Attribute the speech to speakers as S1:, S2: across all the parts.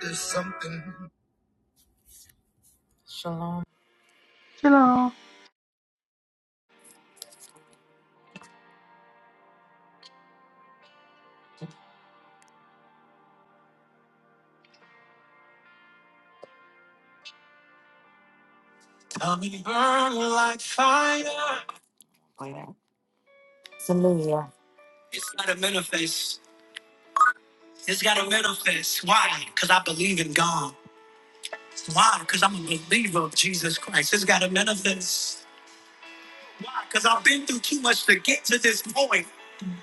S1: There's something.
S2: Shalom.
S1: Coming burn like fire. Later. Hallelujah. It's got to manifest. It's got to manifest. Why? Because I believe in God. Why? Because I'm a believer of Jesus Christ. It's got to manifest. Why? Because I've been through too much to get to this point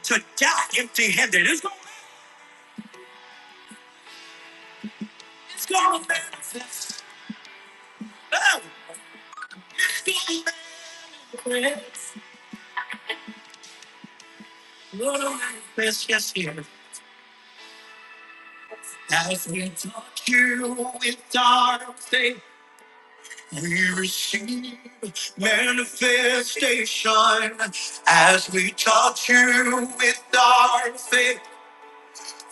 S1: to die empty handed. It's going it's gonna manifest. Oh, it's going to manifest. It's Gonna manifest. Yes, here. As we touch you with our faith, we receive manifestation. As we touch you with our faith,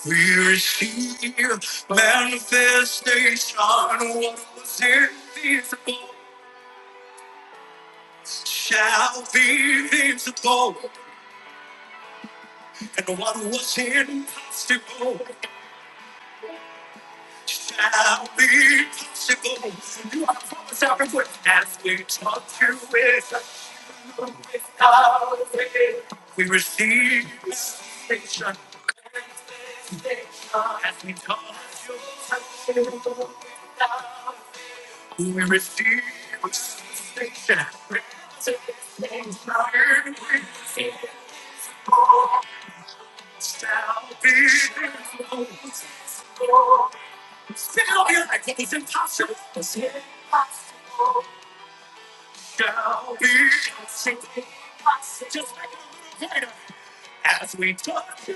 S1: we receive manifestation. What was invisible shall be visible, and what was impossible shall be possible. You are promised our as we talk to it. With our we receive manifestation. As we talk to it, we receive manifestation. Shall be impossible. We'll be like what was impossible, as impossible shall be. It's impossible to say. As we touch,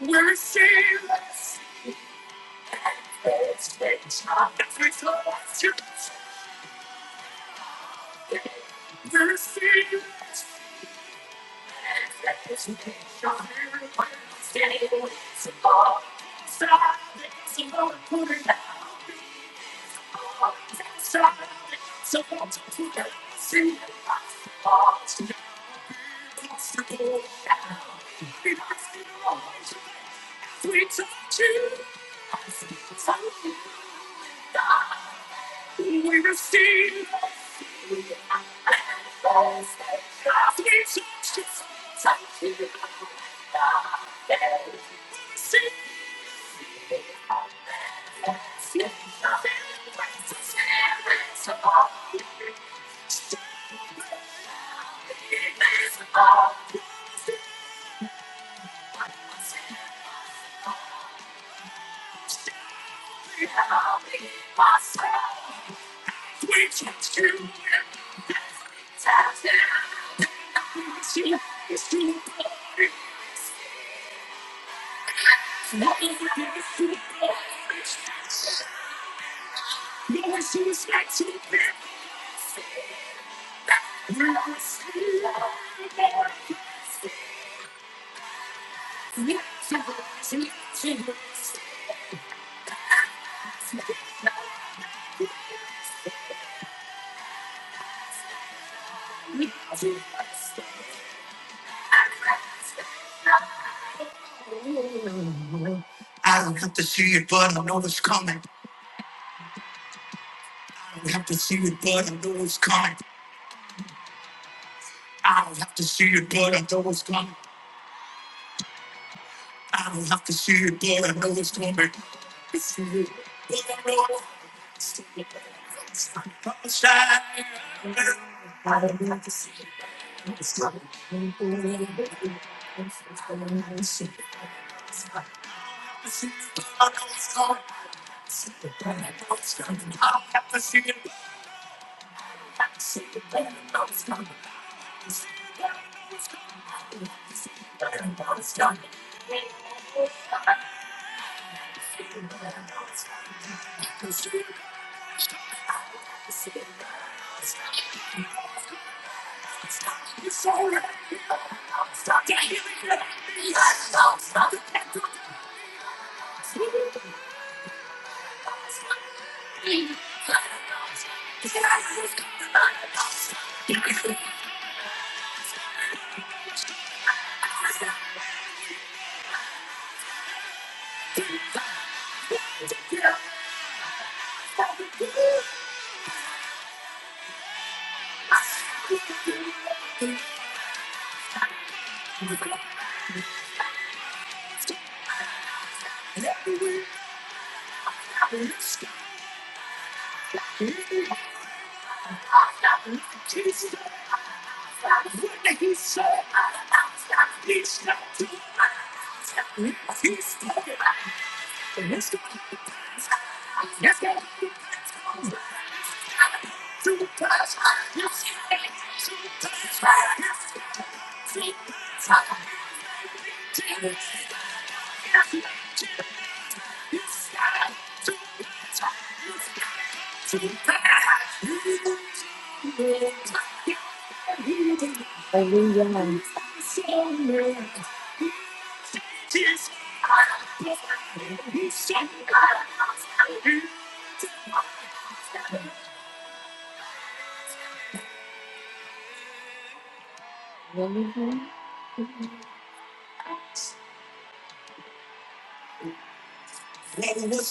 S1: we're seeing. As we touch, we're seeing. Let this be your warning. Standing with the wall, side by side, we're gonna push it down. We're gonna push it down, so hold on tight. We're gonna push it down, we're gonna push it down, so hold on tight. We're gonna push it down, we're gonna push it down, so hold on tight. We receive I don't have to see it, but I know it's coming. I don't have to see it, but I know it's coming. I don't have to see it, but I know it's coming. It's you, but I know it's coming. It's not gonna shine. I don't have to see it, but it's coming. It's gonna shine. It's not gonna shine. I know it's coming. It's not gonna shine. I don't have to see it, but I know it's coming. I know it's coming. I know it's coming. I know it's coming. Stop. Stop. Stop. When he said, he shall do it. He spoke it. And it's going to pass. It's going to pass. It's going to pass. It's going to pass. Hallelujah. Oh, what's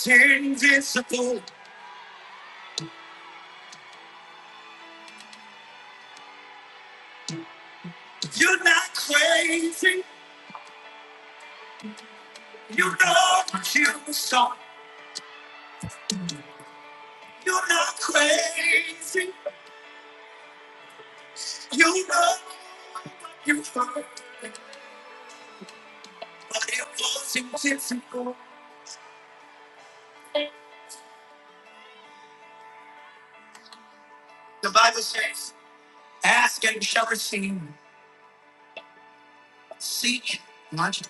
S1: invisible? You're not crazy. You know what you saw. You're not crazy. You know you heard. The Bible says, Ask and you shall receive, seek, watch,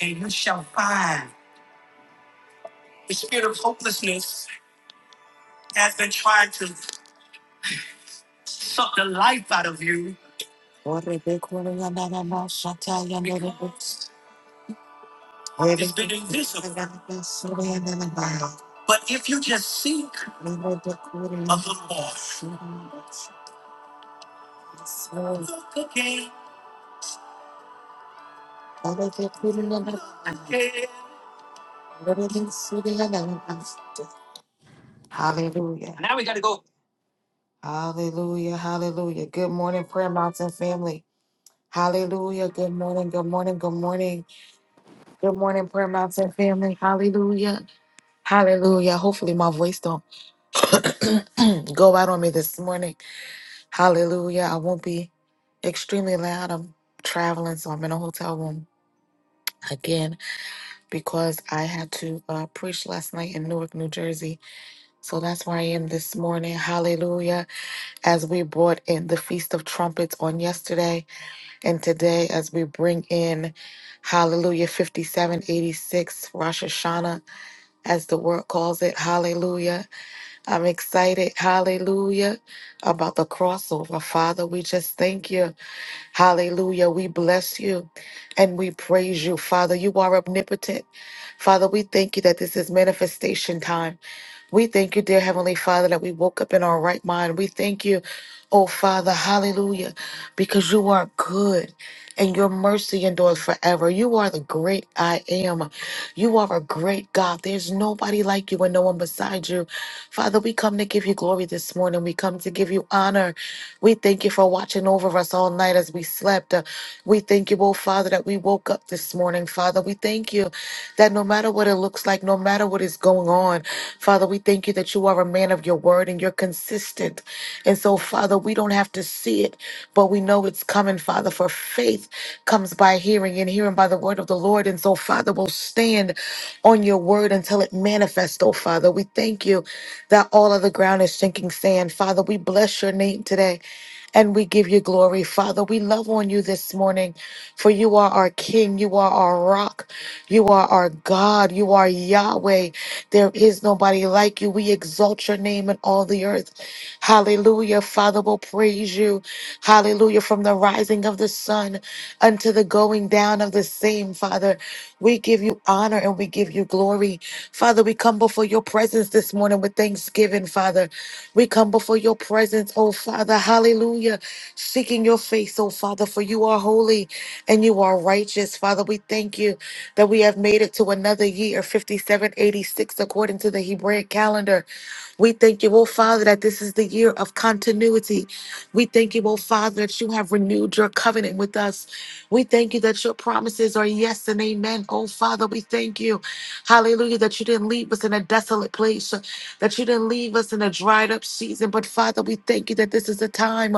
S1: and you shall find. The spirit of hopelessness has been trying to suck the life out of you. It's been invisible. But if you just seek a little more, look again. Hallelujah. Now we got to go. Hallelujah. Hallelujah. Good morning, Prayer Mountain family. Hallelujah. Good morning. Good morning. Good morning. Good morning, Prayer Mountain family. Hallelujah. Hallelujah. Hopefully my voice don't go out on me this morning. Hallelujah. I won't be extremely loud. I'm traveling, so I'm in a hotel room again because I had to uh, preach last night in Newark, New Jersey So that's where I am this morning. Hallelujah. As we brought in the Feast of Trumpets on yesterday and today, as we bring in Hallelujah 5786, Rosh Hashanah, as the word calls it. Hallelujah. I'm excited. Hallelujah. About the crossover. Father, we just thank you. Hallelujah. We bless you and we praise you, Father. You are omnipotent. Father, we thank you that this is manifestation time. We thank you, dear Heavenly Father, that we woke up in our right mind. We thank you, oh Father, hallelujah, because you are good and your mercy endures forever. You are the great I am. You are a great God. There's nobody like you and no one beside you. Father, we come to give you glory this morning. We come to give you honor. We thank you for watching over us all night as we slept. Uh, We thank you, oh Father, that we woke up this morning, Father. We thank you that no matter what it looks like, no matter what is going on, Father, we thank you that you are a man of your word and you're consistent. And so, Father, we don't have to see it, but we know it's coming, Father, for faith comes by hearing and hearing by the word of the Lord. And so, Father, we'll stand on your word until it manifests, oh Father. We thank you that all of the ground is sinking sand. Father, we bless your name today and we give you glory, Father. We love on you this morning, for you are our King, you are our rock, you are our God, you are Yahweh. There is nobody like you. We exalt your name in all the earth. Hallelujah. Father will praise you. Hallelujah. From the rising of the sun unto the going down of the same, Father. We give you honor and we give you glory. Father, we come before your presence this morning with thanksgiving, Father. We come before your presence, oh Father. Hallelujah. Seeking your face, oh Father, for you are holy and you are righteous. Father, we thank you that we have made it to another year, 5786, according to the Hebraic calendar. We thank you, oh Father, that this is the year of continuity. We thank you, oh Father, that you have renewed your covenant with us. We thank you that your promises are yes and amen. Oh Father, we thank you. Hallelujah, that you didn't leave us in a desolate place, that you didn't leave us in a dried up season. But Father, we thank you that this is the time,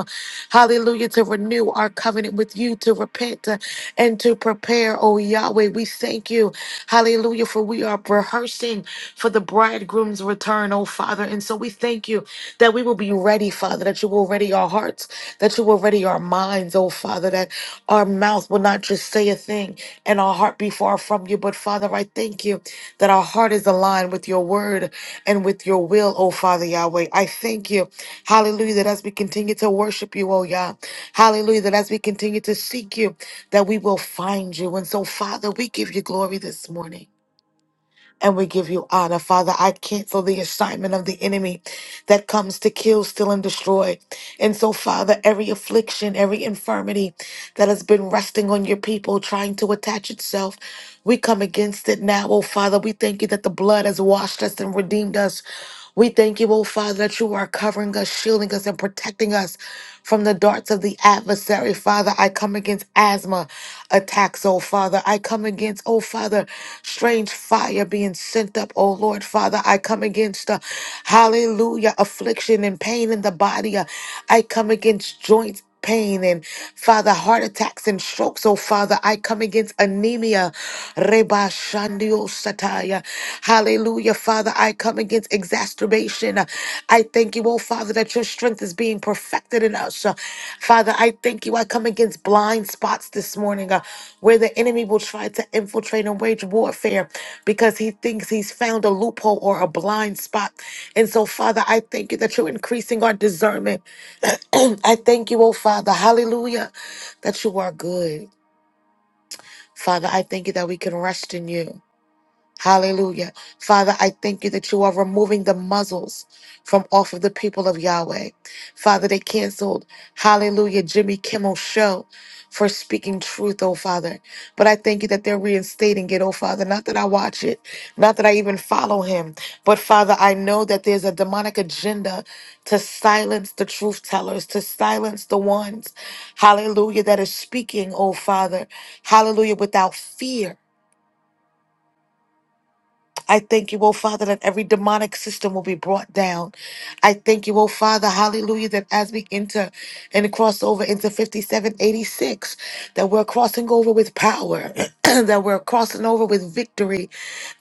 S1: hallelujah, to renew our covenant with you, to repent uh, and to prepare, oh Yahweh. We thank you, hallelujah, for we are rehearsing for the bridegroom's return, oh Father. And so we thank you that we will be ready, Father, that you will ready our hearts, that you will ready our minds, oh Father, that our mouth will not just say a thing and our heart be far from you. But Father, I thank you that our heart is aligned with your word and with your will, oh Father Yahweh. I thank you, hallelujah, that as we continue to worship you, oh Yah, hallelujah, that as we continue to seek you, that we will find you. And so, Father, we give you glory this morning and we give you honor. Father, I cancel the assignment of the enemy that comes to kill, steal, and destroy. And so, Father, every affliction, every infirmity that has been resting on your people, trying to attach itself, we come against it now. Oh, Father, we thank you that the blood has washed us and redeemed us. We thank you, oh Father, that you are covering us, shielding us, and protecting us from the darts of the adversary. Father, I come against asthma attacks, oh Father. I come against, oh Father, strange fire being sent up, oh Lord, Father. I come against, uh, hallelujah, affliction and pain in the body. Uh, I come against joints pain and Father, heart attacks and strokes. Oh Father, I come against anemia. Reba Shandio Sataya. Hallelujah, Father. I come against exacerbation. I thank you, oh Father, that your strength is being perfected in us. Uh, Father, I thank you. I come against blind spots this morning uh, where the enemy will try to infiltrate and wage warfare because he thinks he's found a loophole or a blind spot. And so, Father, I thank you that you're increasing our discernment. I thank you, oh Father, hallelujah, that you are good. Father, I thank you that we can rest in you. Hallelujah. Father, I thank you that you are removing the muzzles from off of the people of Yahweh. Father, they canceled, hallelujah, Jimmy Kimmel show for speaking truth, oh Father. But I thank you that they're reinstating it, oh Father. Not that I watch it, not that I even follow him, but Father, I know that there's a demonic agenda to silence the truth tellers, to silence the ones, hallelujah, that are speaking, oh Father, hallelujah, without fear. I thank you, oh Father, that every demonic system will be brought down. I thank you, oh Father, hallelujah, that as we enter and cross over into 5786, that we're crossing over with power, that we're crossing over with victory,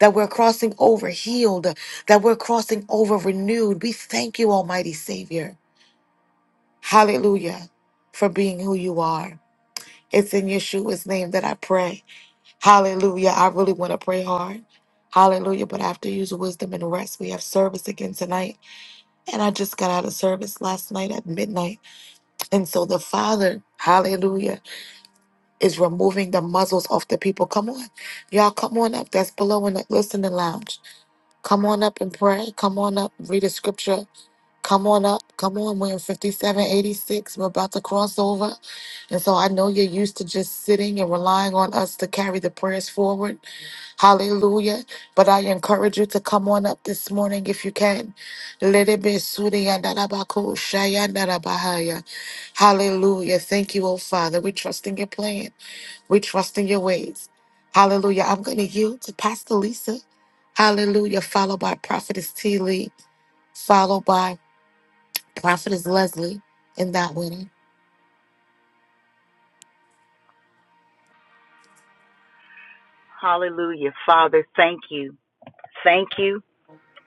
S1: that we're crossing over healed, that we're crossing over renewed. We thank you, Almighty Savior. Hallelujah, for being who you are. It's in Yeshua's name that I pray. Hallelujah. I really want to pray hard. Hallelujah. But I have to use wisdom and rest. We have service again tonight. And I just got out of service last night at midnight. And so the Father, hallelujah, is removing the muzzles off the people. Come on. Y'all, come on up. That's below in the listening lounge. Come on up and pray. Come on up. Read a scripture. Come on up. Come on. We're in 5786. We're about to cross over. And so I know you're used to just sitting and relying on us to carry the prayers forward. Hallelujah. But I encourage you to come on up this morning if you can. Little bit be sudi and darabako, shaya and darabahaya. Hallelujah. Thank you, oh Father. We trust in your plan. We trust in your ways. Hallelujah. I'm going to yield to Pastor Lisa. Hallelujah. Followed by Prophetess T. Lee, followed by Prophetess Leslie in that winning.
S3: Hallelujah. Father, thank you. Thank you.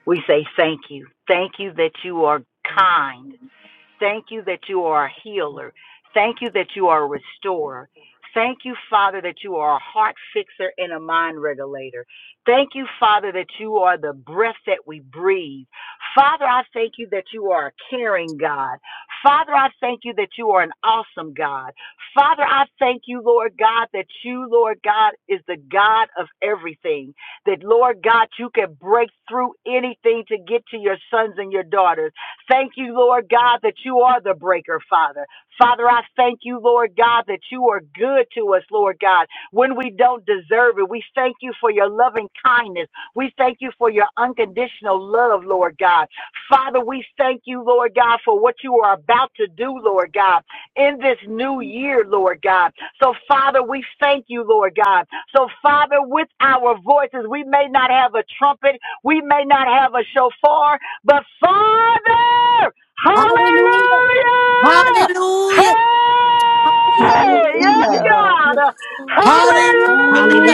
S3: We say thank you. Thank you that you are kind. Thank you that you are a healer. Thank you that you are a restorer. Thank you, Father, that you are a heart fixer and a mind regulator. Thank you, Father, that you are the breath that we breathe. Father, I thank you that you are a caring God. Father, I thank you that you are an awesome God. Father, I thank you, Lord God, that you, Lord God, is the God of everything. That, Lord God, you can break through anything to get to your sons and your daughters. Thank you, Lord God, that you are the breaker, Father. Father, I thank you, Lord God, that you are good to us, Lord God, when we don't deserve it. We thank you for your loving kindness. We thank you for your unconditional love, Lord God. Father, we thank you, Lord God, for what you are about to do, Lord God, in this new year, Lord God. So, Father, we thank you, Lord God. So, Father, with our voices, we may not have a trumpet, we may not have a shofar, but Father,
S1: Hallelujah.
S3: hallelujah!
S1: Hallelujah.
S3: Hey, yes,
S4: Hallelujah.
S5: Hallelujah.
S3: God,
S1: Hallelujah.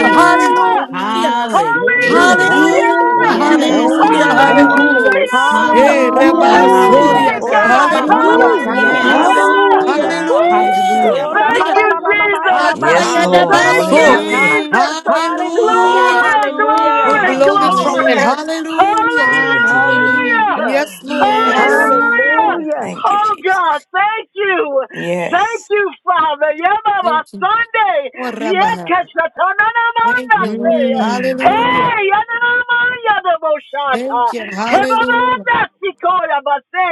S1: Hallelujah. Hallelujah.
S5: Hallelujah. Hallelujah.
S6: Glory to
S7: Hallelujah.
S6: God.
S1: Hallelujah,
S3: Hallelujah!
S4: Hallelujah.
S7: Yes,
S6: Thank
S1: hallelujah,
S6: you.
S4: Thank
S7: hallelujah.
S4: you,
S5: Hallelujah.
S1: hallelujah.
S4: Lord.
S7: Come
S3: Hallelujah!
S1: Eh,
S7: on,
S6: Hallelujah.
S1: Rabba
S5: Oh, that I'm
S4: Hallelujah.
S1: Soria,
S7: hallelujah.
S3: Hey,
S5: not sick
S6: Ora
S3: God.
S6: ba
S5: here.
S6: ba ba
S4: Yes,
S6: ba
S7: Woo,
S6: ya
S4: Lord.
S1: hallelujah,
S7: yes.
S6: katarabo
S3: Hallelujah.
S4: Hallelujah.
S6: satai.
S5: Hallelujah.
S3: Woo.
S7: Hallelujah.
S6: Ora
S3: Thank
S6: ba
S1: hallelujah.
S6: ba
S3: you,
S6: ba
S5: Resharabasaya.
S6: ba ba
S4: Hallelujah.
S6: ba ya
S3: Jesus.
S8: Yes,
S6: rabasi
S1: Ayada
S8: Lord.
S3: Thank
S6: ketorabo
S3: you,
S1: baso!
S5: Hallelujah.
S8: Hallelujah.
S6: satai.
S7: Mm,
S3: Jesus.
S6: Hallelujah.
S5: Oh,
S1: hallelujah.
S3: Glory,
S1: We'll
S6: Hallelujah.
S3: glory,
S8: Thank you,
S5: hallelujah.
S1: blow the trumpet,
S3: glory.
S8: Jesus.
S7: hallelujah.
S1: hallelujah.
S8: Over to your name.
S7: Hallelujah.
S3: Hallelujah.
S5: Hallelujah.
S1: Yes, Lord,
S7: Yes.
S1: hallelujah.
S3: Hallelujah.
S5: Resharabasaya.
S6: Hallelujah.
S8: Thank you,
S3: Oh
S8: Jesus.
S3: God, thank you. Thank
S8: Yes.
S3: you, Father. Yamama
S1: Thank you.
S3: Sunday.
S1: Oh, Rabba.
S3: Yekeshatananamanase.
S1: Thank you, Lord.
S7: Mm,
S1: Hallelujah.
S3: Hey,
S1: Thank
S3: yananamayanamoshata.
S1: you, hallelujah.
S3: Hebamanasikoyabase.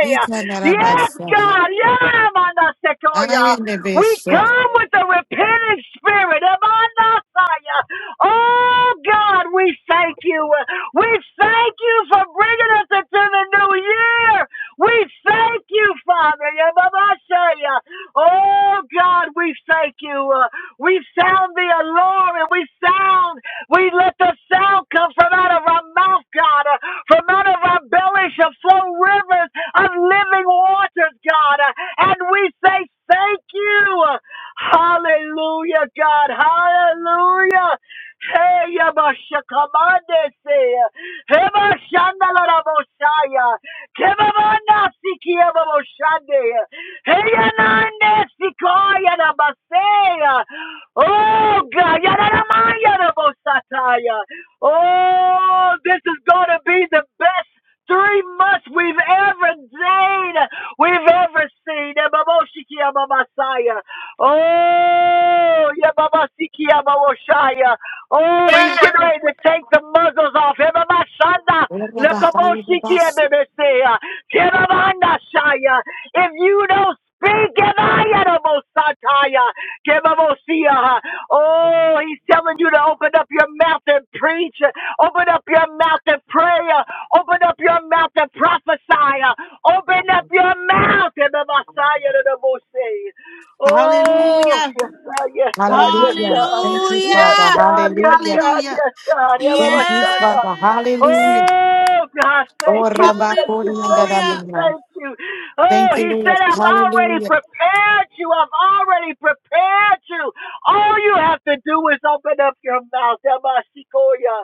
S3: Yes,
S1: Ikanarabasaya.
S3: God.
S1: I
S3: Yamanasekoya.
S1: am the
S3: We
S1: best.
S3: come with a repentant spirit. Emanasaya. Oh God, we thank you. We thank you for bringing us into the new year. We thank you, Father. Yababashaya. Oh, God, we thank you. Uh, we sound the alarm and we sound, we let the sound come from out of our mouth, God. Uh, from out of our belly shall flow rivers of living waters, God. Uh, and we say, Thank you. Hallelujah, God. Hallelujah. Hey, Yabashakamande, say. Hebashandalarabosaya. Kebabana sikia babo shande. Heya nande sikaya na baseya. Oh God, yana na maya na bo sataya. Oh, this is gonna be the best three months we've ever seen, we've ever seen. Eh, Babo Shikia Babasaya. Oh, yeah, Baba Sikia Baboshaya. Oh, he's getting ready to take the muzzles off. Eh, Baba Shanda.
S1: Hallelujah.
S3: Zekoboshikiebebesea. Kerabandashaya. If you don't speak, Kebayadabosataya. Kebabosia. Oh, he's telling you to open up your mouth and preach. Open up your mouth and pray. Open up your mouth and prophesy. Open up your mouth. Kebabasaya. Oh,
S7: hallelujah.
S3: yes, sir, yes, sir, yes, sir.
S1: Thank you,
S3: Yes, Yes,
S1: Father.
S7: Hallelujah.
S3: God. Yes,
S1: Hallelujah.
S3: God.
S7: Hallelujah.
S3: Yes, God.
S1: Thank you,
S3: Yababashanda.
S1: Father.
S7: Yes.
S1: Hallelujah.
S3: Oh, God.
S1: Oh,
S3: Thank you.
S1: Rabba,
S3: Thank
S1: Koda,
S3: you.
S1: and
S3: Thank you.
S7: Hallelujah.
S1: Dadabuna.
S3: Thank you. Oh,
S1: Thank you,
S3: he
S1: Lord.
S3: said, I've already
S1: Hallelujah.
S3: prepared you. I've already prepared you. All you have to do is open up your mouth. Yabashikoya.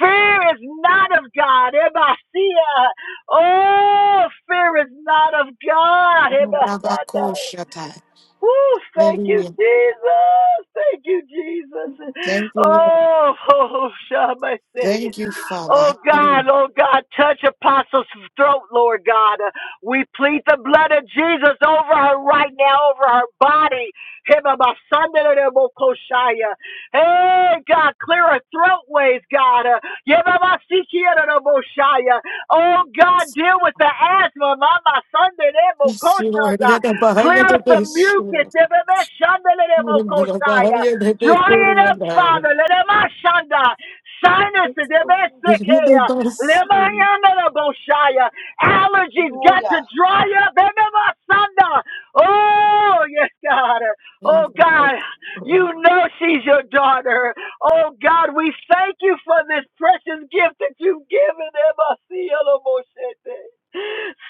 S3: Fear is not of God. Yabashia. Oh, fear is not of God.
S1: Oh, Rabba,
S3: Yabashanda.
S1: Koshata.
S3: Woo, thank you,
S1: Hallelujah.
S3: Jesus. Thank you, Jesus.
S1: Thank you, Lord.
S3: Oh, oh, shall I say
S1: Thank
S3: it?
S1: you, Father.
S3: Oh,
S1: Hallelujah.
S3: God, oh, God, touch Apostle's throat, Lord God. Uh, we plead the blood of Jesus over her right now, over her body. Hibabasandarabokoshaya. Hey, God, clear her throat ways, God. Uh, Yebabasikiaraboshaya. Oh God, deal with the asthma, Mama Sunday Lebo
S1: Yes, Lord.
S3: Koshanda.
S1: Yadabahaya
S3: Clear
S1: de
S3: up the
S1: Beshua.
S3: mucus, Ebebe Shanda Lebo Koshaya.
S1: Yadabahaya de
S3: Dry it
S1: Bekoda,
S3: up,
S1: and
S3: Father, Lema Shanda. Sinus, Ebebe
S1: I.
S3: Sekea. Lema
S1: Yadabasi.
S3: Yanda Lebo Shaya. Allergies got to dry up, Ebebe Sanda. Oh, yes, God. Oh, God, you know she's your daughter. Oh God, we thank you for this precious gift that you've given Emma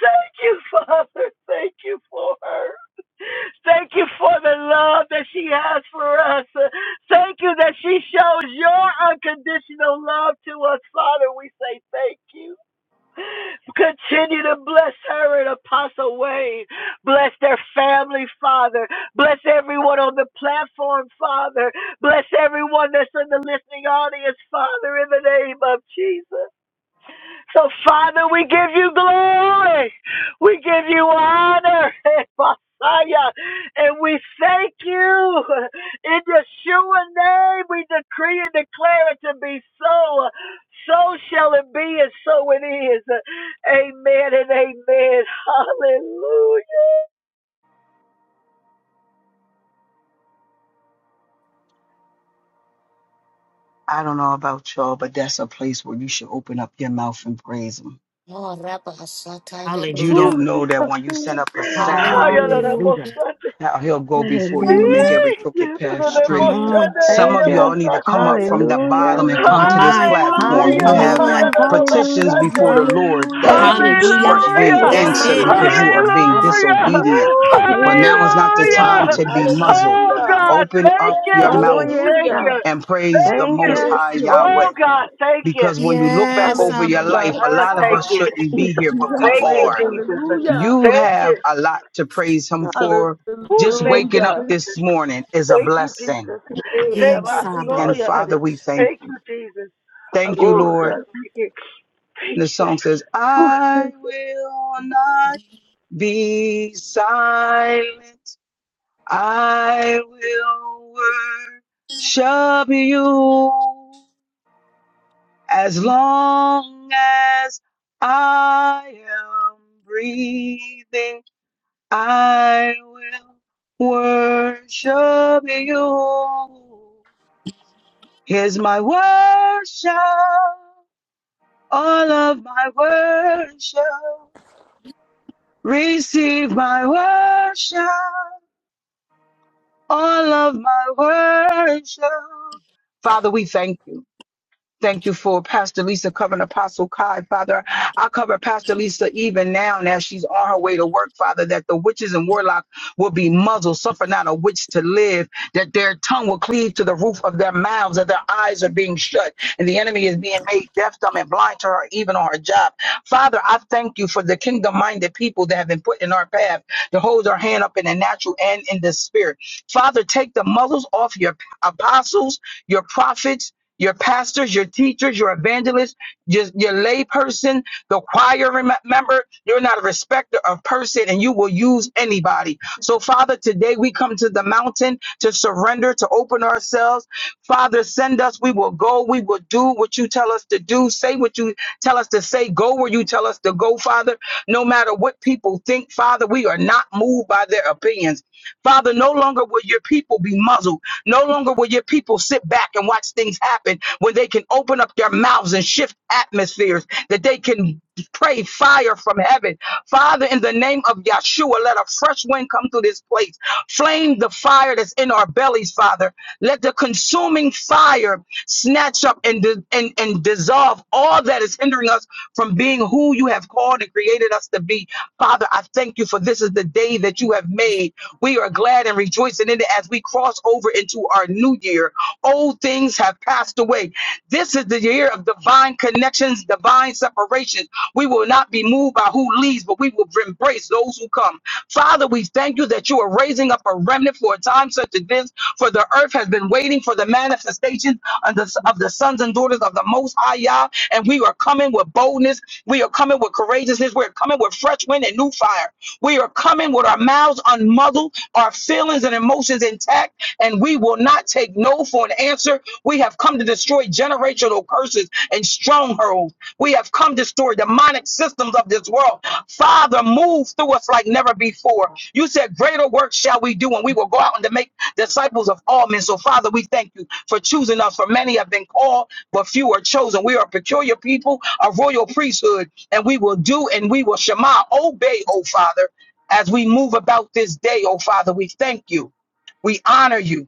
S3: Thank you, Father. Thank you for her. Thank you for the love that she has for us. Thank you that she shows your unconditional love to us, Father. We say thank you. Continue to bless her and Apostle Wayne. Bless their family, Father. Bless everyone on the platform, Father. Bless everyone that's in the listening audience, Father, in the name of Jesus. So, Father, we give you glory. We give you honor. Messiah. And we thank you. In Yeshua name, we decree and declare it to be so. So shall it be, and so it is. Amen and amen.
S2: I don't know about y'all, but that's a place where you should open up your mouth and praise him.
S1: Oh, Rabba Sataya.
S2: You
S7: Hallelujah.
S2: don't know that when you send up a sound,
S7: Hallelujah.
S1: Hallelujah.
S3: Hallelujah.
S2: now he'll go before you and make
S6: Hallelujah.
S2: every crooked path
S7: Come
S2: straight.
S7: on.
S5: Hallelujah.
S2: Some of
S6: Thank
S2: y'all
S6: you.
S2: need to come up from the
S6: Hallelujah.
S2: bottom
S5: Oh,
S2: and come
S7: My
S2: to
S5: that
S2: this
S5: I'm a
S7: my.
S2: platform. You
S3: Hallelujah.
S7: Come
S2: have
S5: sick.
S7: on.
S6: Hallelujah.
S2: petitions
S6: Hallelujah.
S2: before the Lord that
S6: Thank
S5: Hallelujah.
S6: you,
S7: Hallelujah.
S6: Jesus.
S2: aren't being
S3: Hallelujah.
S6: Oh,
S7: That's
S5: Glory
S6: my,
S5: to
S2: answered
S7: it.
S6: my,
S5: God.
S2: because
S6: my
S2: you are
S6: God.
S2: being
S6: Rabbi.
S3: Hallelujah.
S2: disobedient.
S7: Woo.
S2: But
S5: Hey,
S2: now is not the time
S5: yeah.
S3: Hallelujah.
S2: to be
S8: Jesus.
S2: muzzled.
S3: Oh
S5: Hallelujah.
S3: God,
S2: Open
S3: thank
S2: up
S3: you.
S2: your
S6: Oh,
S2: mouth
S6: yes,
S3: Thank
S5: Hallelujah.
S6: God.
S3: you.
S2: and praise the
S3: Thank
S6: Thank
S2: Most
S3: you.
S6: you,
S5: Yes,
S2: High Yahweh.
S5: Lord.
S3: Oh God, thank you.
S2: because when you look back
S7: Yes,
S2: over your
S7: Abba.
S2: life,
S5: Hallelujah.
S2: a
S3: Oh,
S2: lot of
S3: thank
S2: us
S3: you.
S2: shouldn't be here, but we
S3: Thank you,
S5: Yahweh.
S2: are.
S3: Jesus.
S1: If
S5: Hallelujah.
S2: You
S3: Thank
S2: have
S3: you.
S2: a lot to praise Him for.
S3: Oh,
S2: Just
S3: thank you,
S2: waking up
S5: Hallelujah.
S2: this
S3: Jesus.
S2: morning is a
S3: Thank you,
S2: blessing.
S3: Jesus.
S5: Hey,
S3: Thank you,
S7: Yes, Abba.
S3: Jesus.
S2: And
S5: Rabasoya
S2: Father, we
S5: Radesh.
S2: thank
S3: Thank
S2: you.
S3: you, Jesus.
S2: Thank you,
S3: Ooh,
S2: Lord.
S5: Hallelujah.
S3: thank you.
S2: And
S3: Thank
S2: the song says,
S3: you.
S2: I
S3: Ooh,
S2: will not be silent. I will worship you. as long as I am breathing, I will worship you. Here's my worship, all of my worship. Receive my worship, all of my worship. Father, we thank you. Thank you for Pastor Lisa covering Apostle Kai, Father. I cover Pastor Lisa even now as she's on her way to work, Father, that the witches and warlock will be muzzled, suffer not a witch to live, that their tongue will cleave to the roof of their mouths, that their eyes are being shut, and the enemy is being made deaf, dumb, and blind to her, even on her job. Father, I thank you for the kingdom minded people that have been put in our path to hold our hand up in the natural and in the spirit. Father, take the muzzles off your apostles, your prophets, your pastors, your teachers, your evangelists, just your lay person, the choir rem- member. You're not a respecter of person and you will use anybody. So, Father, today we come to the mountain to surrender, to open ourselves. Father, send us. We will go. We will do what you tell us to do, say what you tell us to say, go where you tell us to go, Father. No matter what people think, Father, we are not moved by their opinions. Father, no longer will your people be muzzled. No longer will your people sit back and watch things happen when they can open up their mouths and shift atmospheres, that they can pray fire from heaven. Father, in the name of Yeshua, let a fresh wind come through this place. Flame the fire that's in our bellies, Father. Let the consuming fire snatch up and, and, and dissolve all that is hindering us from being who you have called and created us to be. Father, I thank you for this is the day that you have made. We are glad and rejoicing in it as we cross over into our new year. Old things have passed away. This is the year of divine connections, divine separations. We will not be moved by who leaves, but we will embrace those who come. Father, we thank you that you are raising up a remnant for a time such as this nations, for the earth has been waiting for the manifestation of the, of the sons and daughters of the Most High Yah. And we are coming with boldness. We are coming with courageousness. We're coming with fresh wind and new fire. We are coming with our mouths unmuzzled, our feelings and emotions intact, and we will not take no for an answer. We have come to destroy generational curses and strongholds. We have come to destroy demonic systems of this world. Father, move through us like never before. You said, Greater work shall we do, and we will go out and to make disciples of all men. So, Father, we thank you for choosing us, for many have been called, but few are chosen. We are a peculiar people, a royal priesthood, and we will do and we will Shema, obey, oh Father, as we move about this day, oh Father. We thank you. We honor you.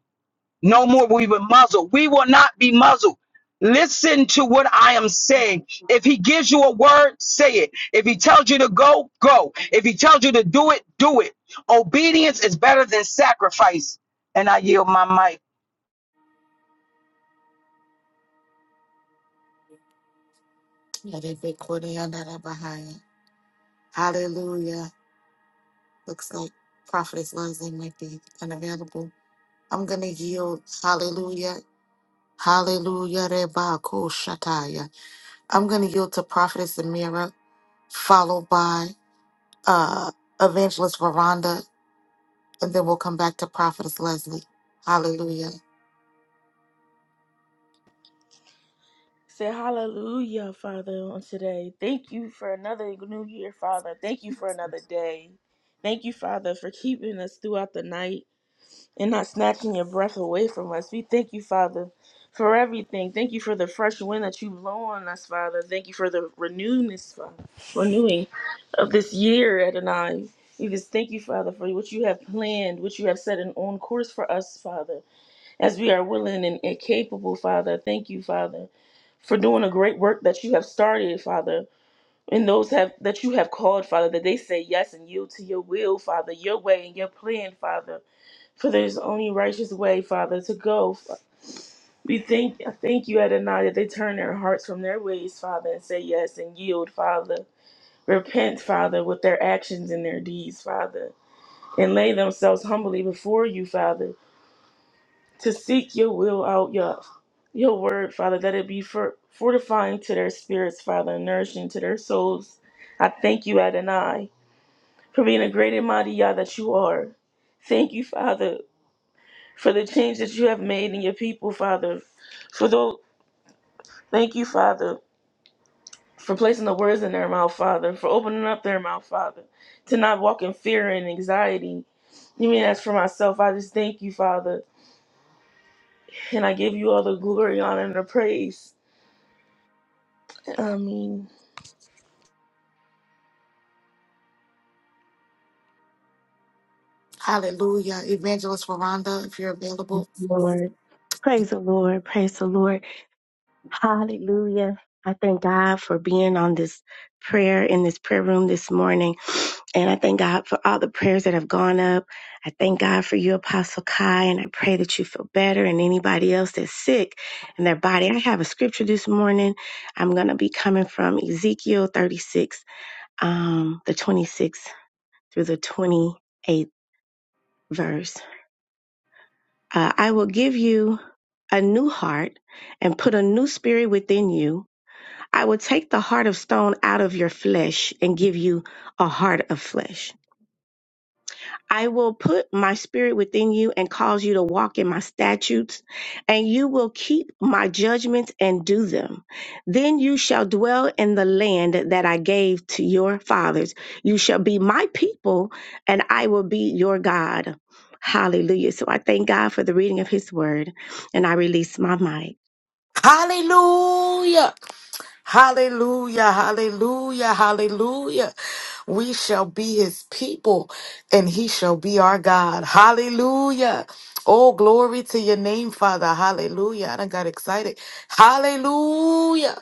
S2: No more will we be muzzled. We will not be muzzled. Listen to what I am saying. If he gives you a word, say it. If he tells you to go, go. If he tells you to do it, do it. Obedience is better than sacrifice. And I yield my mic.
S1: Let it be Korean that are behind. Hallelujah. Looks like Prophetess Leslie might be unavailable. I'm going to yield. Hallelujah. Hallelujah. Reba ko Shataya. I'm going to yield to Prophetess Amira, followed by uh, Evangelist Veranda, and then we'll come back to Prophetess Leslie. Hallelujah.
S5: Say hallelujah, Father, on today. Thank you for another new year, Father. Thank you for another day. Thank you, Father, for keeping us throughout the night. and not snatching your breath away from us. We thank you, Father, for everything. Thank you for the fresh wind that you blow on us, Father. Thank you for the renewness, Father, renewing of this year, Adonai. We just thank you, Father, for what you have planned, what you have set in on course for us, Father, as we are willing and, and capable, Father. Thank you, Father, for doing a great work that you have started, Father. And those have that you have called, Father, that they say yes and yield to your will, Father, your way and your plan, Father. For there is only righteous way, Father, to go. We thank thank you, Adonai, that they turn their hearts from their ways, Father, and say yes and yield, Father. Repent, Father, with their actions and their deeds, Father, and lay themselves humbly before you, Father, to seek your will out, your your word, Father, that it be for, fortifying to their spirits, Father, and nourishing to their souls. I thank you, Adonai, for being a great and mighty Yah that you are. Thank you, Father, for the change that you have made in your people, Father. For those, thank you, Father, for placing the words in their mouth, Father, for opening up their mouth, Father, to not walk in fear and anxiety. You mean as for myself, I just thank you, Father, and I give you all the glory, honor, and the praise. Amen.
S1: Hallelujah. Evangelist Veranda, if you're available.
S6: Lord. Praise the Lord. Praise the Lord. Hallelujah. I thank God for being on this prayer in this prayer room this morning. And I thank God for all the prayers that have gone up. I thank God for you, Apostle Kai, and I pray that you feel better and anybody else that's sick in their body. I have a scripture this morning. I'm going to be coming from Ezekiel 36, um, the 26th through the 28th verse. Uh, I will give you a new heart and put a new spirit within you. I will take the heart of stone out of your flesh and give you a heart of flesh. I will put my spirit within you and cause you to walk in my statutes, and you will keep my judgments and do them. Then you shall dwell in the land that I gave to your fathers. You shall be my people, and I will be your God. Hallelujah. So I thank God for the reading of his word, and I release my mic.
S1: Hallelujah. Hallelujah, hallelujah, hallelujah. We shall be his people and he shall be our God. Hallelujah. Oh, glory to your name, Father. Hallelujah. I done got excited. Hallelujah.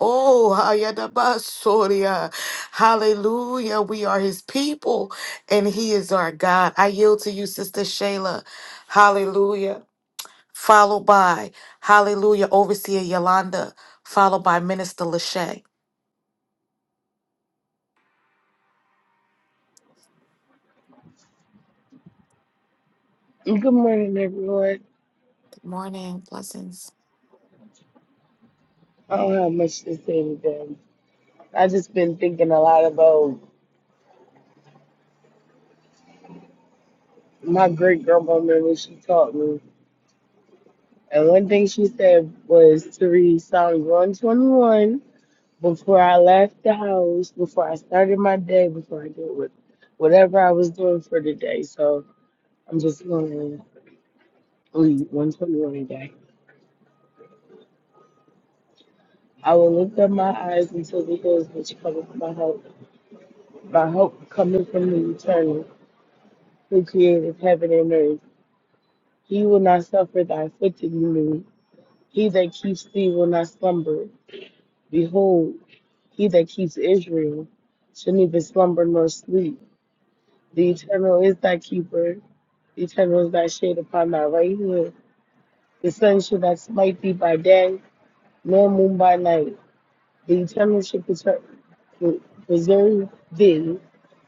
S1: Oh, hayadabasoria. hallelujah. We are his people and he is our God. I yield to you, Sister Shayla. Hallelujah followed by Hallelujah Overseer Yolanda, followed by Minister Lachey.
S9: Good morning, everyone.
S1: Good morning, blessings.
S9: I don't have much to say today. I just been thinking a lot about my great grandma when she taught me. And one thing she said was to read Psalms 121 before I left the house, before I started my day, before I did what, whatever I was doing for the day. So I'm just going to read 121 today. I will lift up my eyes unto the hills which cometh my hope. My hope coming from the eternal who created heaven and earth. He will not suffer thy foot to be moved. He that keeps thee will not slumber. Behold, he that keeps Israel shall neither slumber nor sleep. The eternal is thy keeper. The eternal is thy shade upon thy right hand. The sun shall not smite thee by day, nor moon by night. The eternal shall preser- preserve thee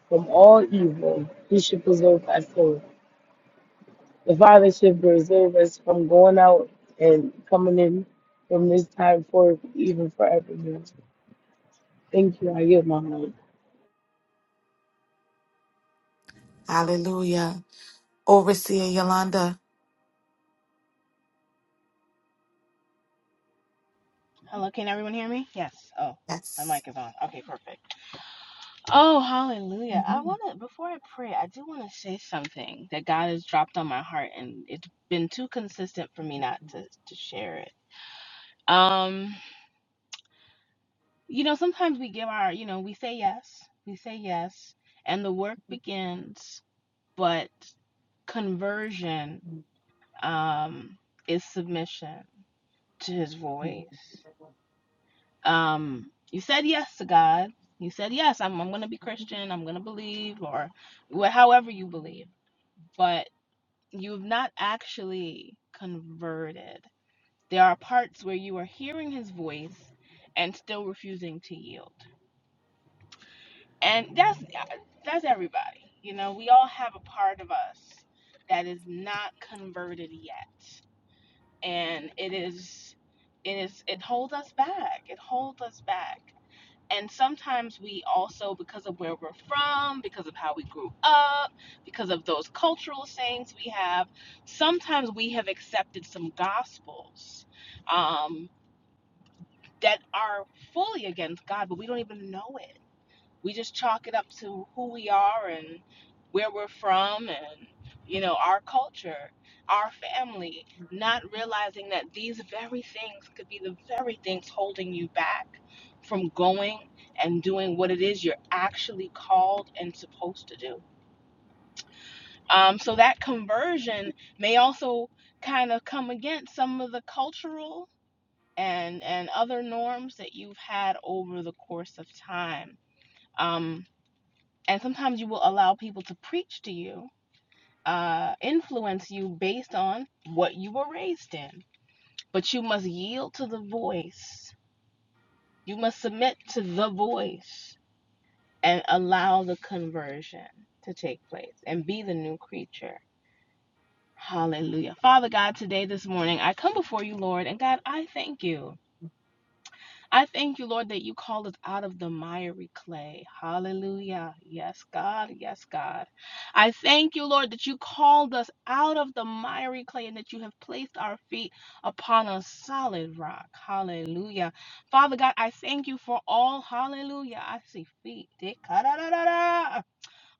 S9: from all evil. He shall preserve thy soul. The Father should preserve us from going out and coming in from this time forth, even forevermore. Thank you. I give my heart.
S1: Hallelujah. Overseer Yolanda.
S10: Hello, can everyone hear me? Yes. Oh, my
S1: Yes.
S10: mic is on. Okay, perfect. Oh, hallelujah. I want to, before I pray, I do want to say something that God has dropped on my heart, and it's been too consistent for me not to, to share it. Um, you know, sometimes we give our, you know, we say yes, we say yes, and the work begins, but conversion um, is submission to his voice. um, you said yes to God. You said yes, I'm I'm going to be Christian. I'm going to believe, or wh- however you believe. But you've not actually converted. There are parts where you are hearing His voice and still refusing to yield. And that's that's everybody. You know, we all have a part of us that is not converted yet, and it is it is it holds us back. It holds us back And sometimes we also, because of where we're from, because of how we grew up, because of those cultural sayings we have, sometimes we have accepted some gospels um, that are fully against God, but we don't even know it we just chalk it up to who we are and where we're from and you know our culture our family not realizing that these very things could be the very things holding you back from going and doing what it is you're actually called and supposed to do um, so that conversion may also kind of come against some of the cultural and and other norms that you've had over the course of time Um, and sometimes you will allow people to preach to you, uh, influence you based on what you were raised in. But you must yield to the voice. You must submit to the voice and allow the conversion to take place and be the new creature. Hallelujah. Father God, today, this morning, I come before you, Lord, and God, I thank you. I thank you, Lord, that you call us out of the miry clay. Hallelujah. Yes, God. Yes, God. I thank you, Lord, that you called us out of the miry clay and that you have placed our feet upon a solid rock. Hallelujah. Father God, I thank you for all. Hallelujah. I see feet.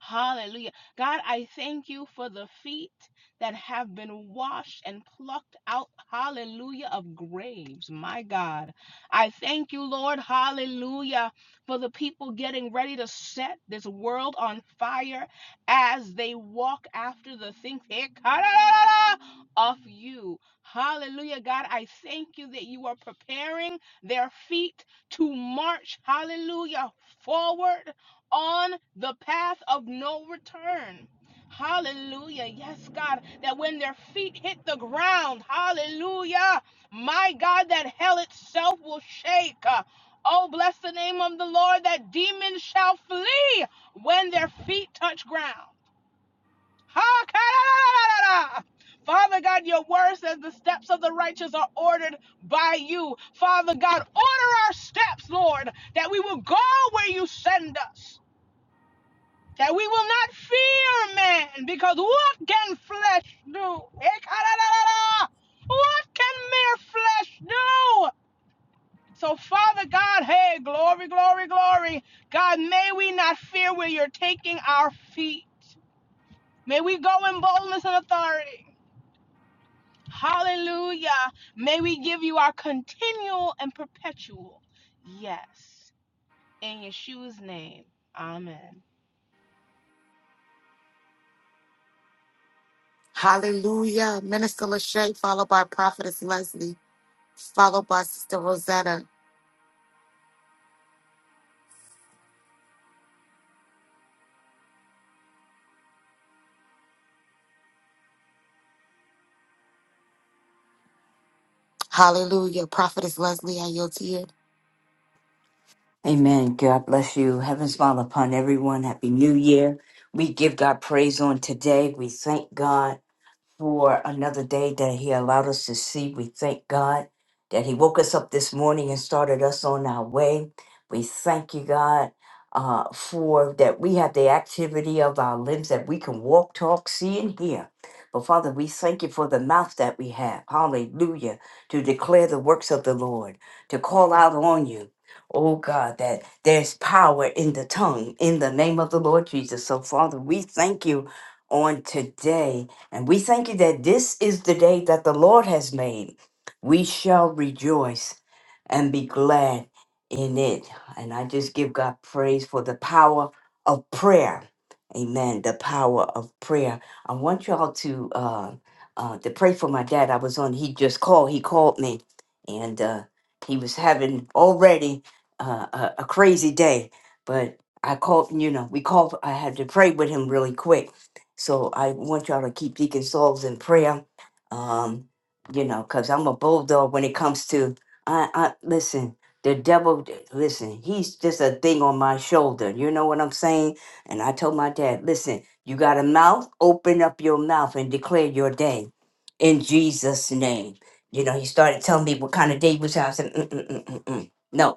S10: Hallelujah. God, I thank you for the feet that have been washed and plucked out, hallelujah, of graves. My God, I thank you, Lord, hallelujah, for the people getting ready to set this world on fire as they walk after the things eh, of you. Hallelujah, God, I thank you that you are preparing their feet to march, hallelujah, forward on the path of no return. Hallelujah. Yes, God, that when their feet hit the ground, hallelujah, my God, that hell itself will shake. Uh, Oh, bless the name of the Lord, that demons shall flee when their feet touch ground. Ha, ka, da, da, da, da, da. Father God, your word says the steps of the righteous are ordered by you. Father God, order our steps, Lord, that we will go where you send us that we will not fear man, because what can flesh do? What can mere flesh do? So, Father God, hey, glory, glory, glory. God, may we not fear where you're taking our feet. May we go in boldness and authority. Hallelujah. May we give you our continual and perpetual yes. In Yeshua's name, amen.
S1: Hallelujah. Minister Lachey, followed by Prophetess Leslie, followed by Sister Rosetta. Hallelujah. Prophetess Leslie, I yield to you.
S8: Amen. God bless you. Heaven smile upon everyone. Happy New Year. We give God praise on today. We thank God. for another day that He allowed us to see. We thank God that He woke us up this morning and started us on our way. We thank you, God, uh, for that we have the activity of our limbs that we can walk, talk, see, and hear. But Father, we thank you for the mouth that we have. Hallelujah. To declare the works of the Lord, to call out on you. Oh God, that there's power in the tongue in the name of the Lord Jesus. So, Father, we thank you on today and we thank you that this is the day that the Lord has made. We shall rejoice and be glad in it. And I just give God praise for the power of prayer. Amen. The power of prayer. I want y'all to uh, uh, to pray for my dad. I was on. He just called. He called me, and uh, he was having already uh, a, a crazy day. But I called. You know, we called. I had to pray with him really quick so I want y'all to keep Deacon Souls in prayer. Um, you know, because I'm a bulldog when it comes to I, I listen, the devil listen, he's just a thing on my shoulder. You know what I'm saying? And I told my dad, listen, you got a mouth, open up your mouth and declare your day in Jesus' name. You know, he started telling me what kind of day was. I said, mm, mm, mm, mm, mm. no,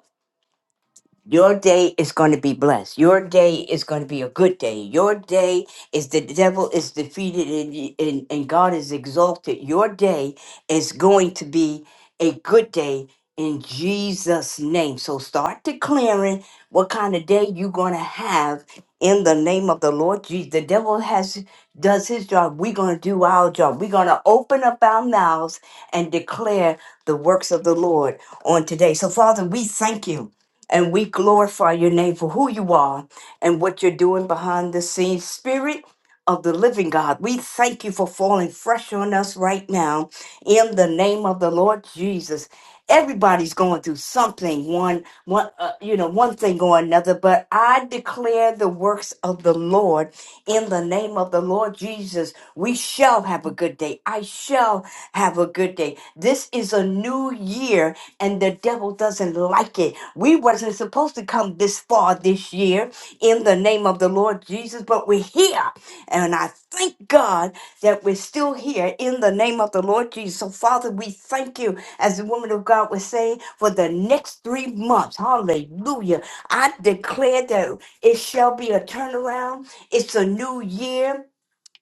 S8: your day is going to be blessed. Your day is going to be a good day. Your day is the devil is defeated and, and, and God is exalted. Your day is going to be a good day in Jesus' name. So start declaring what kind of day you're going to have in the name of the Lord Jesus. The devil has does his job. We're going to do our job. We're going to open up our mouths and declare the works of the Lord on today. So, Father, we thank you. And we glorify your name for who you are and what you're doing behind the scenes. Spirit of the living God, we thank you for falling fresh on us right now in the name of the Lord Jesus. Everybody's going through something, one, one, uh, you know, one thing or another, but I declare the works of the Lord in the name of the Lord Jesus. We shall have a good day. I shall have a good day. This is a new year and the devil doesn't like it. We wasn't supposed to come this far this year in the name of the Lord Jesus, but we're here. And I thank God that we're still here in the name of the Lord Jesus. So, Father, we thank you, as the woman of God was saying, for the next three months. Hallelujah. I declare that it shall be a turnaround. It's a new year.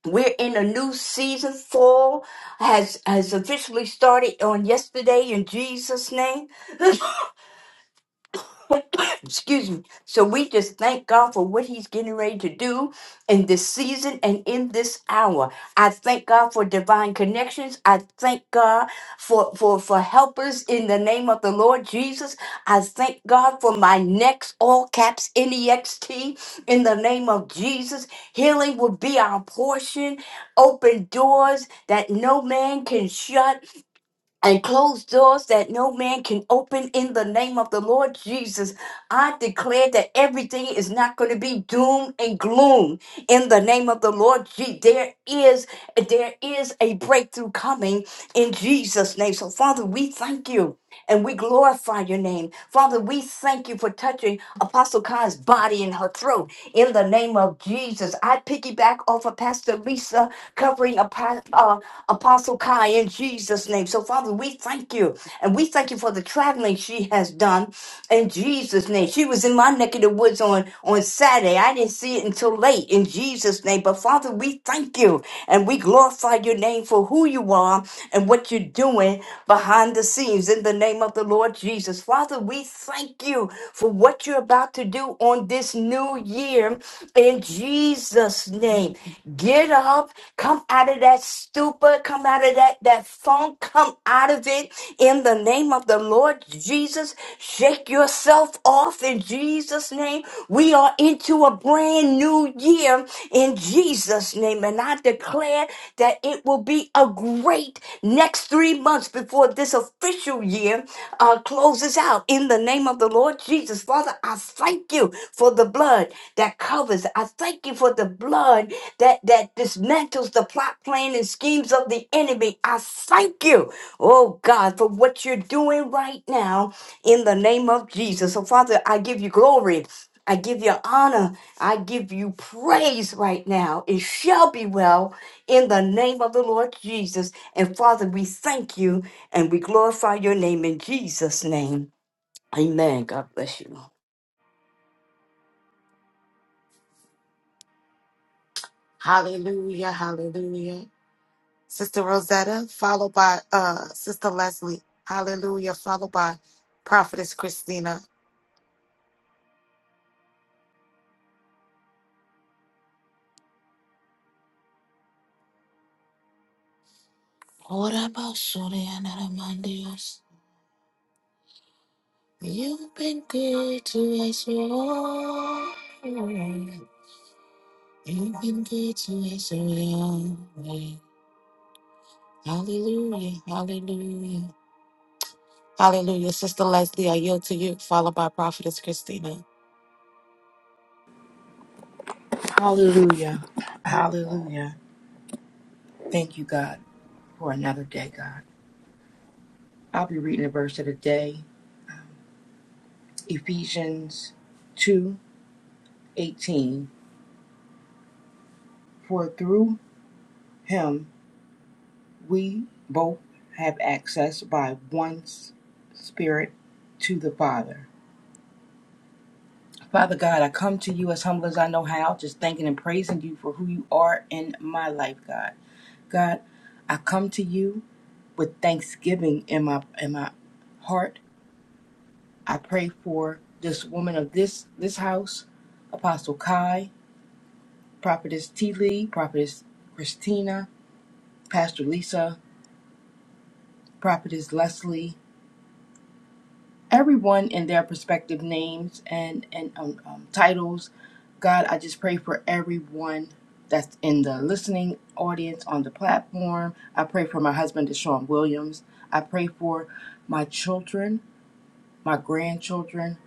S8: We're in a new season. Fall has has officially started on yesterday in Jesus' name. Excuse me. So we just thank God for what He's getting ready to do in this season and in this hour. I thank God for divine connections. I thank God for for for helpers in the name of the Lord Jesus. I thank God for my next all caps N E X T in the name of Jesus. Healing will be our portion. Open doors that no man can shut and closed doors that no man can open in the name of the Lord Jesus. I declare that everything is not going to be doom and gloom in the name of the Lord Jesus. There is there is a breakthrough coming in Jesus' name. So Father, we thank you and we glorify your name. Father, we thank you for touching Apostle Khan's body and her throat. In the name of Jesus, I piggyback off of Pastor Lisa covering Apo- uh, Apostle Khan in Jesus' name. So, Father, we thank you. And we thank you for the traveling she has done in Jesus' name. She was in my neck of the woods on, on Saturday. I didn't see it until late in Jesus' name. But, Father, we thank you and we glorify glorify your name for who you are and what you're doing behind the scenes in the name of the Lord Jesus. Father, we thank you for what you're about to do on this new year in Jesus' name. Get up, come out of that stupor, come out of that, that funk, come out of it in the name of the Lord Jesus. Shake yourself off in Jesus' name. We are into to a brand new year in Jesus' name. And I declare that it will be a great next three months before this official year uh, closes out. In the name of the Lord Jesus, Father, I thank you for the blood that covers. I thank you for the blood that that dismantles the plot, plan, and schemes of the enemy. I thank you, oh God, for what you're doing right now in the name of Jesus. So, Father, I give you glory. I give you honor. I give you praise right now. It shall be well in the name of the Lord Jesus. And Father, we thank you and we glorify your name in Jesus' name. Amen. God bless you.
S1: Hallelujah. Hallelujah. Sister Rosetta, followed by uh Sister Leslie. Hallelujah. Followed by Prophetess Christina. What about Shuri and Aramandios? You've been good to us, Lord. You've been good to us, Lord. Hallelujah. Hallelujah. Hallelujah. Sister Leslie, I yield to you, followed by Prophetess Christina.
S11: Hallelujah. Hallelujah. Thank you, God, for another day, God. I'll be reading the verse of the day, Ephesians 2 18. For through him we both have access by one s- spirit to the Father. Father God, I come to you as humble as I know how, just thanking and praising you for who you are in my life, God. God, I come to you with thanksgiving in my in my heart I pray for this woman of this this house, Apostle Kai, Prophetess T. Lee, Prophetess Christina, Pastor Lisa, Prophetess Leslie, everyone in their respective names and and um, um, titles. God, I just pray for everyone that's in the listening audience on the platform. I pray for my husband, Deshaun Williams. I pray for my children, my grandchildren.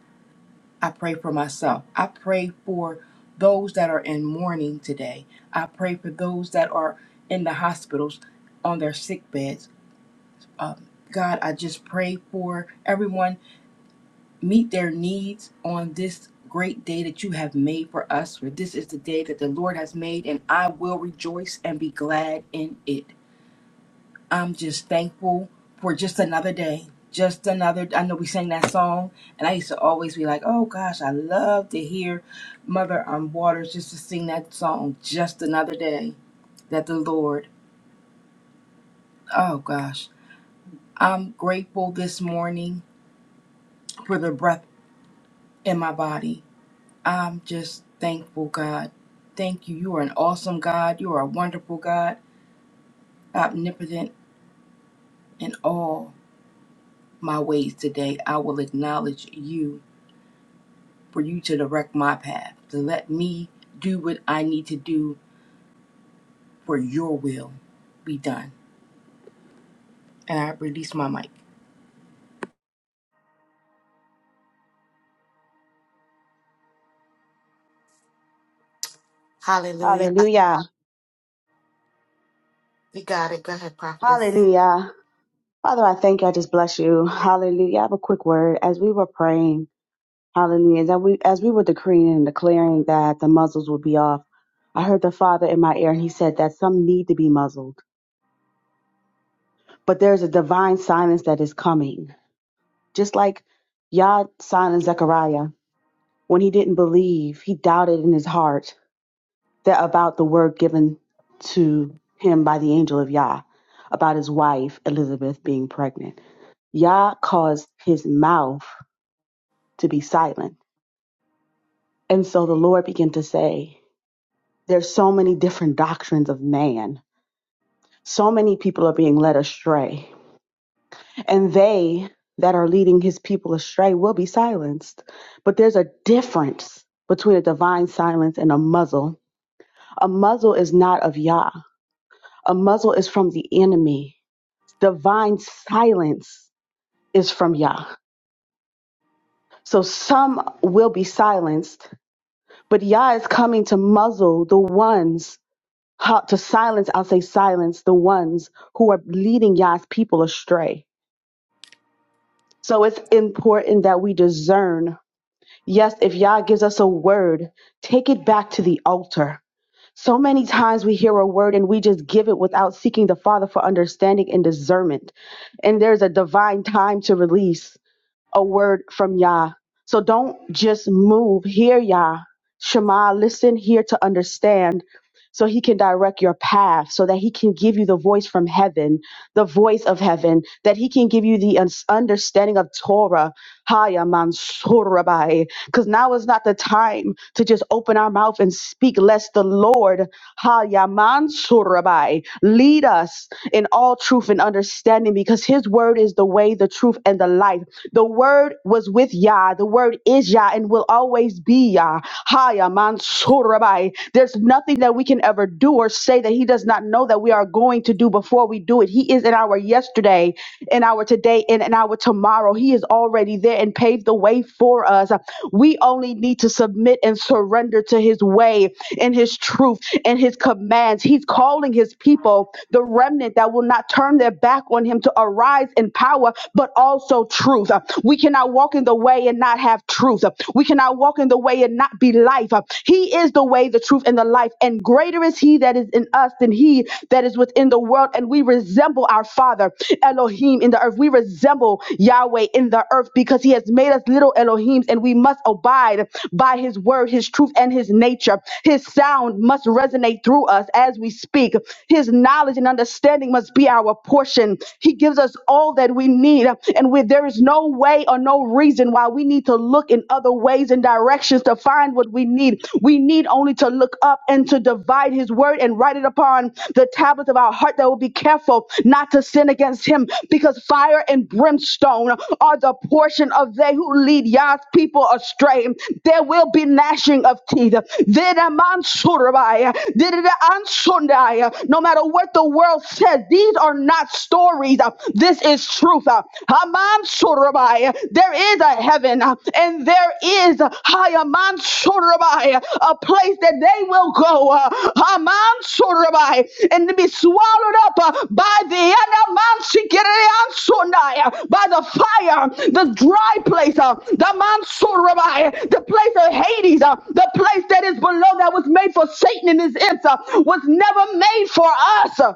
S11: I pray for myself. I pray for those that are in mourning today. I pray for those that are in the hospitals on their sick beds. Um, God, I just pray for everyone meet their needs on this great day that you have made for us. For this is the day that the Lord has made, and I will rejoice and be glad in it. I'm just thankful for just another day. Just another, I know we sang that song, and I used to always be like, oh gosh, I love to hear Mother um, Waters just to sing that song, Just Another Day, that the Lord, oh gosh. I'm grateful this morning for the breath in my body. I'm just thankful, God. Thank you. You are an awesome God. You are a wonderful God, omnipotent in all my ways today. I will acknowledge you for you to direct my path, to let me do what I need to do for your will be done. And I release my mic.
S1: Hallelujah.
S4: Hallelujah.
S1: You got it. Go ahead, Prophetess.
S4: Hallelujah. Father, I thank you. I just bless you. Hallelujah. I have a quick word. As we were praying, hallelujah, as we, as we were decreeing and declaring that the muzzles would be off, I heard the Father in my ear and he said that some need to be muzzled, but there's a divine silence that is coming. Just like Yah and Zechariah, when he didn't believe, he doubted in his heart that about the word given to him by the angel of Yah about his wife Elizabeth being pregnant. Yah caused his mouth to be silent. And so the Lord began to say, There's so many different doctrines of man. So many people are being led astray and they that are leading his people astray will be silenced. But there's a difference between a divine silence and a muzzle. A muzzle is not of Yah, a muzzle is from the enemy. Divine silence is from Yah. So some will be silenced, but Yah is coming to muzzle the ones. how- To silence, I'll say silence the ones who are leading Yah's people astray. So it's important that we discern Yes, if Yah gives us a word, take it back to the altar. So many times we hear a word and we just give it without seeking the Father for understanding and discernment. And there's a divine time to release a word from Yah. So don't just move. Hear Yah. Shema, listen here to understand so he can direct your path, so that he can give you the voice from heaven, the voice of heaven, that he can give you the un- understanding of Torah. Haya mansurabai. Because now is not the time to just open our mouth and speak, lest the Lord, Haya mansurabai, lead us in all truth and understanding, because his word is the way, the truth, and the life. The word was with Yah, the word is Yah, and will always be Yah. Haya. Mansurabai. There's nothing that we can ever do or say that He does not know that we are going to do before we do it. He is in our yesterday, in our today, and in our tomorrow. He is already there and paved the way for us. We only need to submit and surrender to His way and His truth and His commands. He's calling His people, the remnant that will not turn their back on Him, to arise in power, but also truth. We cannot walk in the way and not have truth truth. We cannot walk in the way and not be life. He is the way, the truth, and the life. And greater is He that is in us than He that is within the world. And we resemble our Father, Elohim, in the earth. We resemble Yahweh in the earth because He has made us little Elohims, and we must abide by His word, His truth, and His nature. His sound must resonate through us as we speak. His knowledge and understanding must be our portion. He gives us all that we need, and where there is no no way or no reason why we need to look in other ways and directions to find what we need. We need only to look up and to divide his word and write it upon the tablets of our heart that will be careful not to sin against him because fire and brimstone are the portion of they who lead Yah's people astray. There will be gnashing of teeth. Dida mansurabaya, dida ansundaya. No matter what the world says, these are not stories. This is truth. Uh, Haman Surabai. There is a heaven uh, and there is Haman Surabai, a place that they will go. uh, Haman Surabai, and to be swallowed up uh, by the Anaman Sikirian Sunai, uh, by the fire, the dry place, uh, the Man Surabai, the place of Hades, uh, the place that is below that was made for Satan and his imps, uh, was never made for us.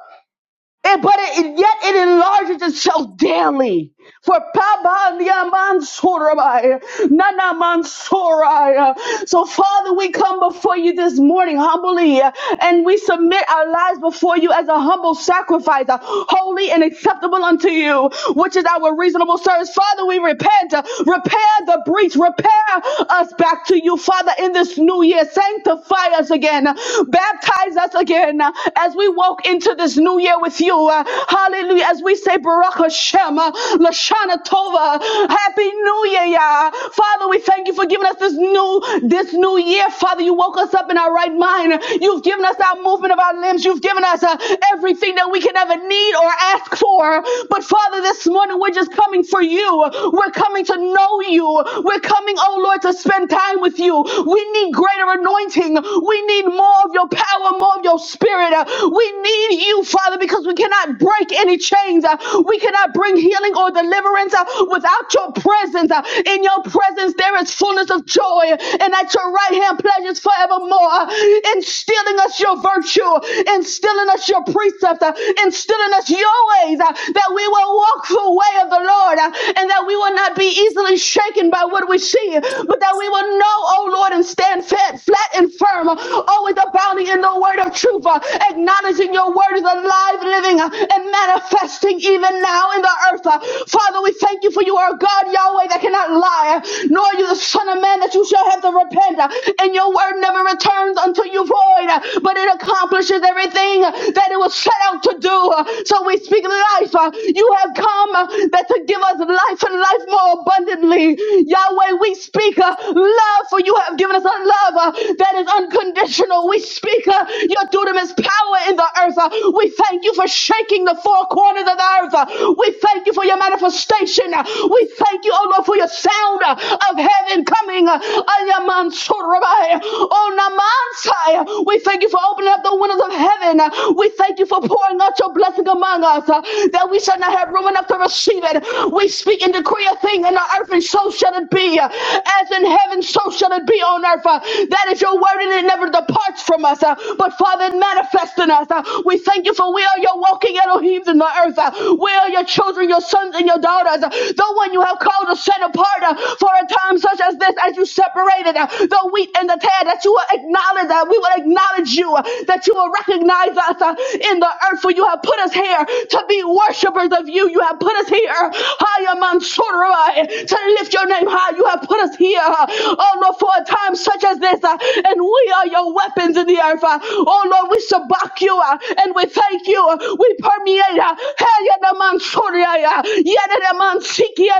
S4: And, but it, yet it enlarges itself daily. For Pabandiamansorabai, Nanamansorai. So, Father, we come before you this morning humbly uh, and we submit our lives before you as a humble sacrifice, uh, holy and acceptable unto you, which is our reasonable service. Father, we repent. uh, Repair the breach. Repair us back to you, Father, in this new year. Sanctify us again. Baptize us again uh, as we walk into this new year with you. uh, hallelujah. As we say, Baruch Hashem, uh, Lashana Tova, Happy New Year, Yah. Father, we thank you for giving us this new, this new year. Father, you woke us up in our right mind. You've given us our movement of our limbs. You've given us uh, everything that we can ever need or ask for. But Father, this morning we're just coming for you. We're coming to know you. We're coming, oh Lord, to spend time with you. We need greater anointing. We we need more of your power, more of your spirit. Uh, We need you, Father, because we cannot break any chains. Uh, We cannot bring healing or deliverance uh, without your presence. Uh, In your presence, there is fullness of joy, and at your right hand, pleasures forevermore. Uh, Instilling us your virtue, instilling us your precepts, uh, instilling us your ways, uh, that we will walk the way of the Lord, uh, and that we will not be easily shaken by what we see, but that we will know, oh Lord. Lord, and stand fat, flat and firm. uh, Always abounding in the word of truth, uh, acknowledging your word is alive, living, uh, and manifesting even now in the earth. uh. Father, we thank you for you are God, Yahweh, that cannot lie, uh, nor are you the Son of Man that you shall have to repent. uh, And your word never returns unto you void, uh, but it accomplishes everything uh, that it was set out to do. uh. So we speak life. uh, You have come uh, that to give us life and life more abundantly. Yahweh, Yahweh, we speak uh, love, for you have given us a love uh, that is unconditional. We speak uh, your dunamis power in the earth. uh, we thank you for shaking the four corners of the earth. uh, we thank you for your manifestation. uh, we thank you, oh Lord, for your sound uh, of heaven coming. Uh, Ayamansur Rabbi, oh Namansai. we thank you for opening up the windows of heaven. uh, we thank you for pouring out your blessing among us uh, that we shall not have room enough to receive it. We speak speak and decree a thing in the earth, and so shall it be. Uh, As in heaven, so shall it be on earth. Uh, That is your word, and it never departs from us. uh, But Father, it manifests in us. uh, We thank you for we are your walking Elohim in the earth. uh, We are your children, your sons, and your daughters. uh, The one you have called to set apart uh, for a time such as this, as you separated uh, the wheat and the tare, that you will acknowledge that we will acknowledge you, uh, that you will recognize us uh, in the earth, for you have put us here to be worshipers reference of you. You have put us here. Higher Mansorai, to lift your name high. You have put us here. Oh Lord, for a time such as this. uh, And we are your weapons in the earth. uh. Oh Lord, we shabak you uh, and we thank you. We permeate. uh, Haya na Mansorai, uh, Yada na Mansiki, uh,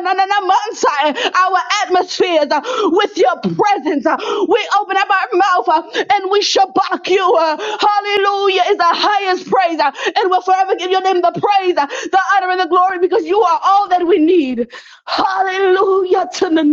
S4: Our atmospheres uh, with your presence. uh. We open up our mouth uh, and we shabak you. uh. Hallelujah is the highest praise. uh, and will forever give your name the praise, uh, the honor, and the glory because you are all that we need. Hallelujah to the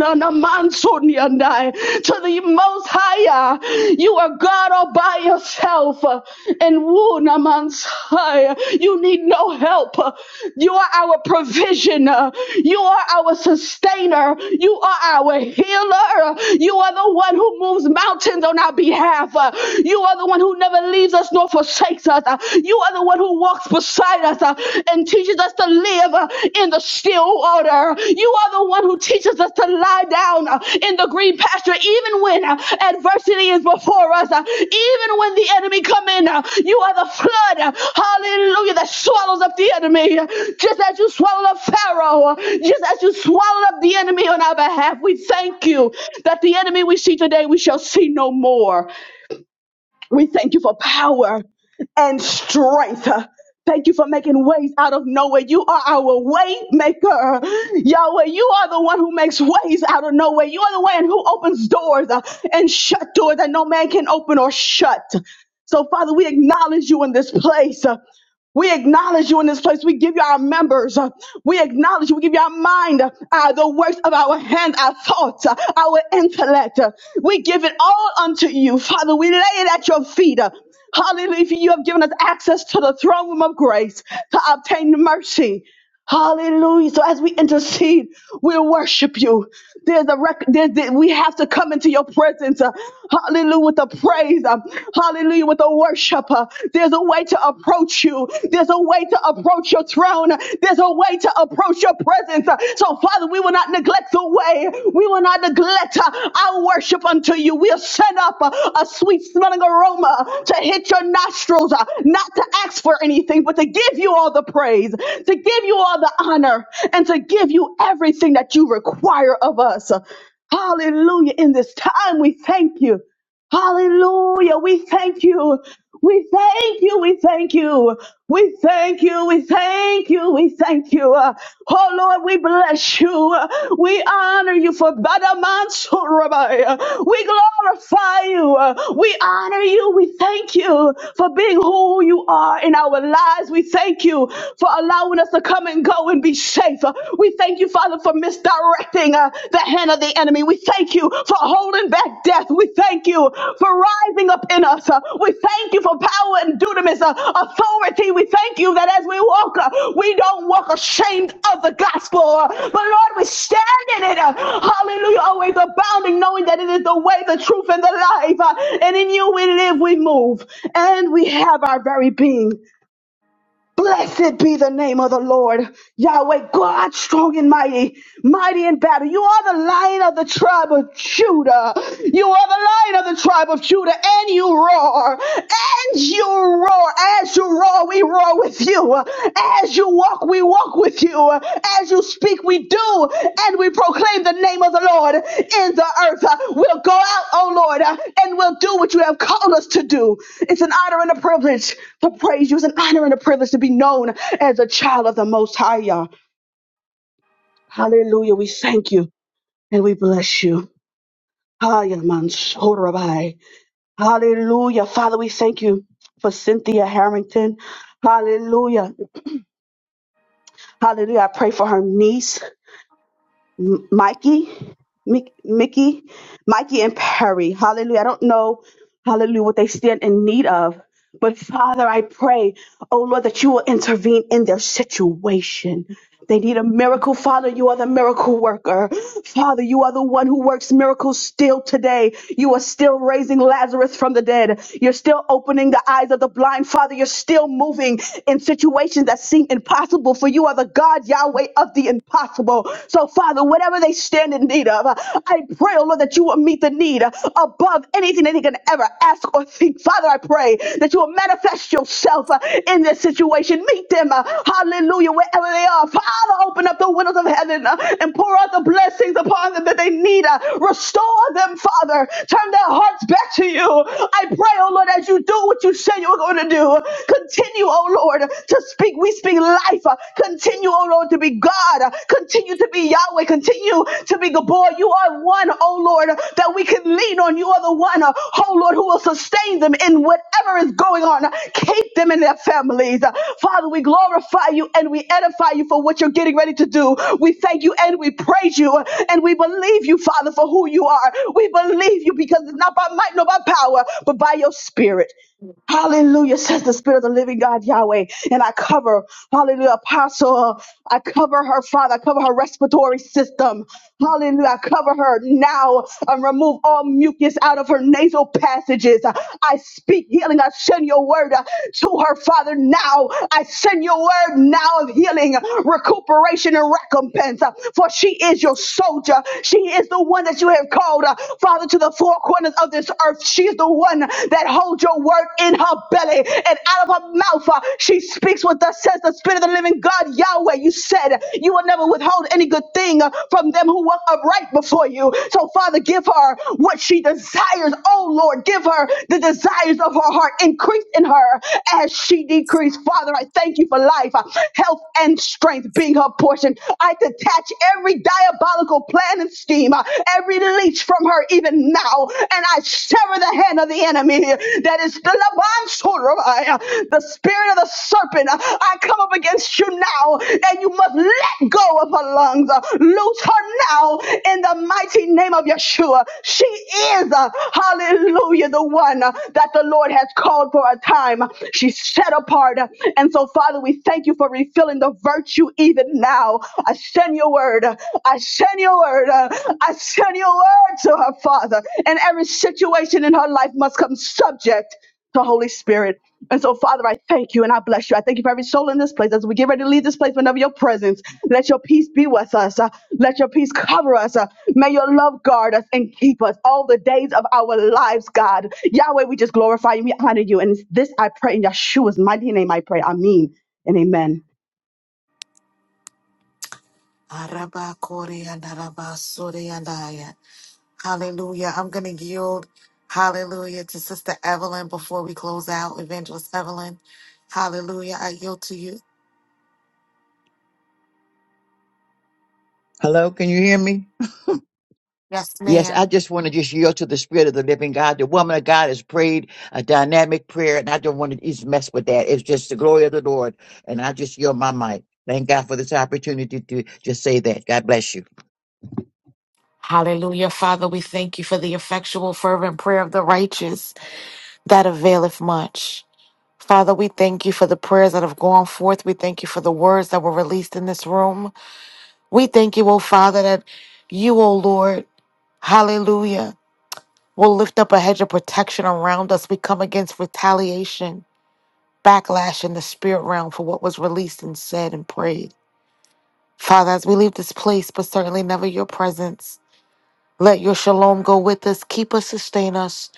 S4: Most High. uh, You are God all by yourself, uh, and Wuna Mansai, you need no help. uh, You are our provision. uh, You are our sustainer. You are our healer. uh, You are the one who moves mountains on our behalf. uh, You are the one who never leaves us us nor forsakes us. Uh, You are the one who walks beside us uh, and teaches us to live uh, in the still water. You are the one who teaches us to lie down uh, in the green pasture, even when uh, adversity is before us, uh, even when the enemy come in. uh, You are the flood, uh, hallelujah, that swallows up the enemy. Uh, Just as you swallowed up Pharaoh, uh, just as you swallowed up the enemy on our behalf, we thank you that the enemy we see today we shall see no more. We thank you for power and strength. Thank you for making ways out of nowhere. You are our way maker. Yahweh, you are the one who makes ways out of nowhere. You are the one who opens doors uh, and shut doors that no man can open or shut. So, Father, we acknowledge you in this place. We acknowledge you in this place. We give you our members. We acknowledge you. We give you our mind, uh, the works of our hand, our thoughts, uh, our intellect. We give it all unto you, Father. We lay it at your feet. Hallelujah. You have given us access to the throne room of grace to obtain mercy. Hallelujah. So as we intercede, we worship you. There's a rec- there's, there- we have to come into your presence. uh, hallelujah with the praise. uh, hallelujah with the worship. uh, there's a way to approach you. There's a way to approach your throne. Uh, There's a way to approach your presence. uh, so Father, we will not neglect the way today. We will not neglect uh, our worship unto you. We'll send up uh, a sweet smelling aroma to hit your nostrils, uh, not to ask for anything, but to give you all the praise, to give you all the honor, and to give you everything that you require of us. Hallelujah. In this time, we thank you. Hallelujah. We thank you. We thank you. We thank you. We thank you. We thank you. We thank you. Uh, Oh Lord, we bless you. Uh, We honor you for Badamansurabai. Uh, We glorify you. Uh, We honor you. We thank you for being who you are in our lives. We thank you for allowing us to come and go and be safe. Uh, We thank you, Father, for for misdirecting uh, the hand of the enemy. We thank you for holding back death. We thank you for rising up in us. Uh, we thank you for power and dunamis, uh, authority. We thank you that as we walk, uh, we don't walk ashamed of the gospel. uh, but Lord, we stand in it. uh, hallelujah. Always abounding, knowing that it is the way, the truth, and the life. uh, and in you we live, we move, and we have our very being. Blessed be the name of the Lord, Yahweh, God strong and mighty, mighty in battle. You are the lion of the tribe of Judah. You are the lion of the tribe of Judah, and you roar, and you roar, as you roar, we roar with you. As you Walk, we walk with you. As you speak, we do. And we proclaim the name of the Lord in the earth. Uh, We'll go out, oh Lord, uh, and we'll do what you have called us to do. It's an honor and a privilege to praise you. It's an honor and a privilege to be known as a child of the Most High. Yah. Hallelujah. We thank you and we bless you. Hiya, Mansorabai. Hallelujah. Father, we thank you for Cynthia Harrington. Hallelujah. Hallelujah. I pray for her niece. M- Mikey, Mick, Mickey, Mikey and Perry. Hallelujah. I don't know hallelujah, what they stand in need of. But Father, I pray, oh Lord, that you will intervene in their situation. They need a miracle. Father, you are the miracle worker. Father, you are the one who works miracles still today. You are still raising Lazarus from the dead. You're still opening the eyes of the blind. Father, you're still moving in situations that seem impossible, for you are the God, Yahweh, of the impossible. So, Father, whatever they stand in in need of. I pray, oh Lord, that you will meet the need above anything that he can ever ask or think. Father, I pray that you will manifest yourself uh, in this situation. Meet them, uh, hallelujah, wherever they are. Father, open up the windows of heaven uh, and pour out the blessings upon them that they need. uh, Restore them, Father. Turn their hearts back to you. I pray, oh Lord, as you do what you said you were going to do, continue, oh Lord, to speak. We speak life life. Uh, Continue, oh Lord, to be God. Uh, Continue to be Yahweh. Continue to be Gabor. You are one, oh Lord, that we can lean on. You are the one, O Lord, who will sustain them in whatever is going on. Uh, Keep them and their families. Uh, Father, we glorify you and we edify you for what you're getting ready to do. We thank you and we praise you uh, and we believe you, Father, for who you are. We believe you because it's not by might nor by power, but by your spirit.
S1: Mm.
S4: Hallelujah, says the Spirit of the Living God Yahweh. And I cover, hallelujah, Apostle. uh, I cover her, Father. I cover her respiratory system. Hallelujah. I cover her now and remove all mucus out of her nasal passages. Uh, I speak healing. I send your word uh, to her, Father, now. I send your word now of healing, recuperation, and recompense. Uh, For she is your soldier. She is the one that you have called, uh, Father, to the four corners of this earth. She is the one that holds your word in her belly and out of her mouth. uh, she speaks what thus says the Spirit of the living God, Yahweh. You said you will never withhold any good thing uh, from them who walk upright before you. So, Father, give her what she desires. Oh, Lord, give her the desires of her heart. Increase in her as she decreased. Father, I thank you for life, uh, health, and strength being her portion. I detach every diabolical plan and scheme, uh, every leech from her even now, and I sever the hand of the enemy that is the Labansorai, the spirit of the serpent. Uh, I come up against you now, and you must let go of her lungs. Uh, Loose her now in the mighty name of Yeshua. She is. uh, is, uh, hallelujah, the one uh, that the Lord has called for a time. She's set apart. And so, Father, we thank you for refilling the virtue even now. I send your word. I send your word. uh, I send your word to her, Father. And every situation in her life must come subject to Holy Spirit. And so, Father, I thank you and I bless you. I thank you for every soul in this place. As we get ready to leave this place, whenever your presence, let your peace be with us. Uh, let your peace cover us. Uh, May your love guard us and keep us all the days of our lives, God. Yahweh, we just glorify you. We honor you. And this I pray in Yeshua's mighty name I pray. Amen and amen.
S1: Araba Kori and Araba Sori and Aya. Hallelujah. I'm going to yield, hallelujah, to Sister Evelyn before we close out. Evangelist Evelyn, hallelujah. I yield to you.
S12: Hello, can you hear me?
S1: Yes,
S12: Yes,
S1: ma'am.
S12: I just want to just yield to the Spirit of the Living God. The woman of God has prayed a dynamic prayer, and I don't want to just mess with that. It's just the glory of the Lord, and I just yield my mic. Thank God for this opportunity to just say that. God bless you.
S1: Hallelujah. Father, we thank you for the effectual, fervent prayer of the righteous that availeth much. Father, we thank you for the prayers that have gone forth. We thank you for the words that were released in this room. We thank you, O Father, that you, O Lord, hallelujah. We'll lift up a hedge of protection around us. We come against retaliation, backlash in the spirit realm for what was released and said and prayed. Father, as we leave this place, but certainly never your presence, let your shalom go with us, keep us, sustain us,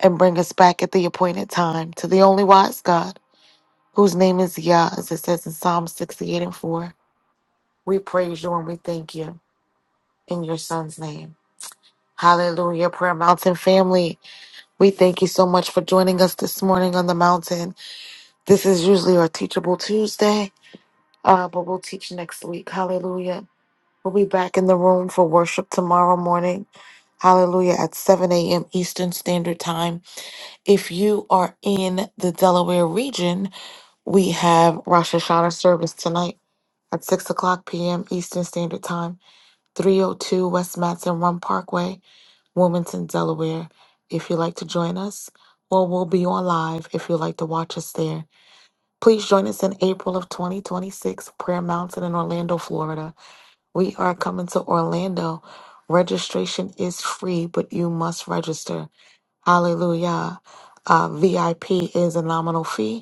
S1: and bring us back at the appointed time to the only wise God, whose name is Yah, as it says in Psalm 68 and 4. We praise you and we thank you in your son's name. Hallelujah, Prayer Mountain family. We thank you so much for joining us this morning on the mountain. This is usually our Teachable Tuesday, uh, but we'll teach next week. Hallelujah. We'll be back in the room for worship tomorrow morning. Hallelujah at 7 a.m. Eastern Standard Time. If you are in the Delaware region, we have Rosh Hashanah service tonight at 6 o'clock p.m. Eastern Standard Time, 302 West Matson Run Parkway, Wilmington, Delaware. If you'd like to join us, or we'll be on live if you'd like to watch us there. Please join us in April of 2026, Prayer Mountain in Orlando, Florida. We are coming to Orlando. Registration is free, but you must register. Hallelujah. Uh, VIP is a nominal fee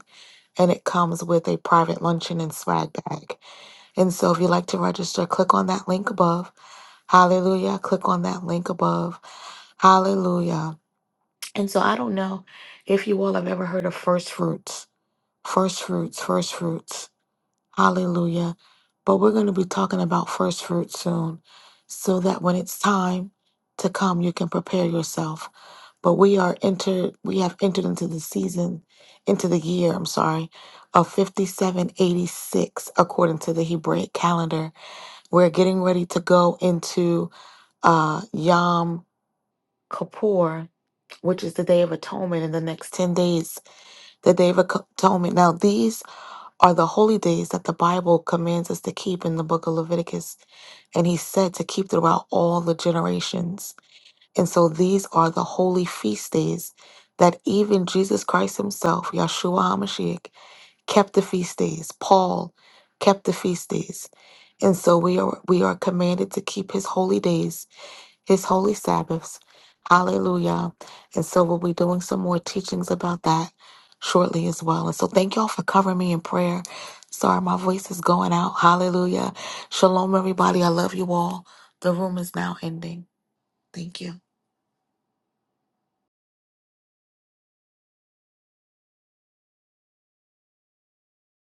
S1: and it comes with a private luncheon and swag bag. And so if you'd like to register, click on that link above. Hallelujah. Click on that link above. Hallelujah. And so I don't know if you all have ever heard of first fruits. First fruits, first fruits Hallelujah. But we're going to be talking about first fruit soon so that when it's time to come you can prepare yourself. But we are entered we have entered into the season into the year, I'm sorry, of 5786 according to the Hebraic calendar. We're getting ready to go into uh Yom Kippur, which is the day of atonement in the next 10 days, the day of atonement. Now these are the holy days that the Bible commands us to keep in the book of Leviticus. And he said to keep throughout all the generations. And so these are the holy feast days that even Jesus Christ himself, Yahshua HaMashiach, kept the feast days. Paul kept the feast days. And so we are we are commanded to keep his holy days his holy Sabbaths. Hallelujah. And so we'll be doing some more teachings about that shortly as well. And so thank y'all for covering me in prayer. Sorry, my voice is going out. Hallelujah. Shalom, everybody. I love you all. The room is now ending. Thank you.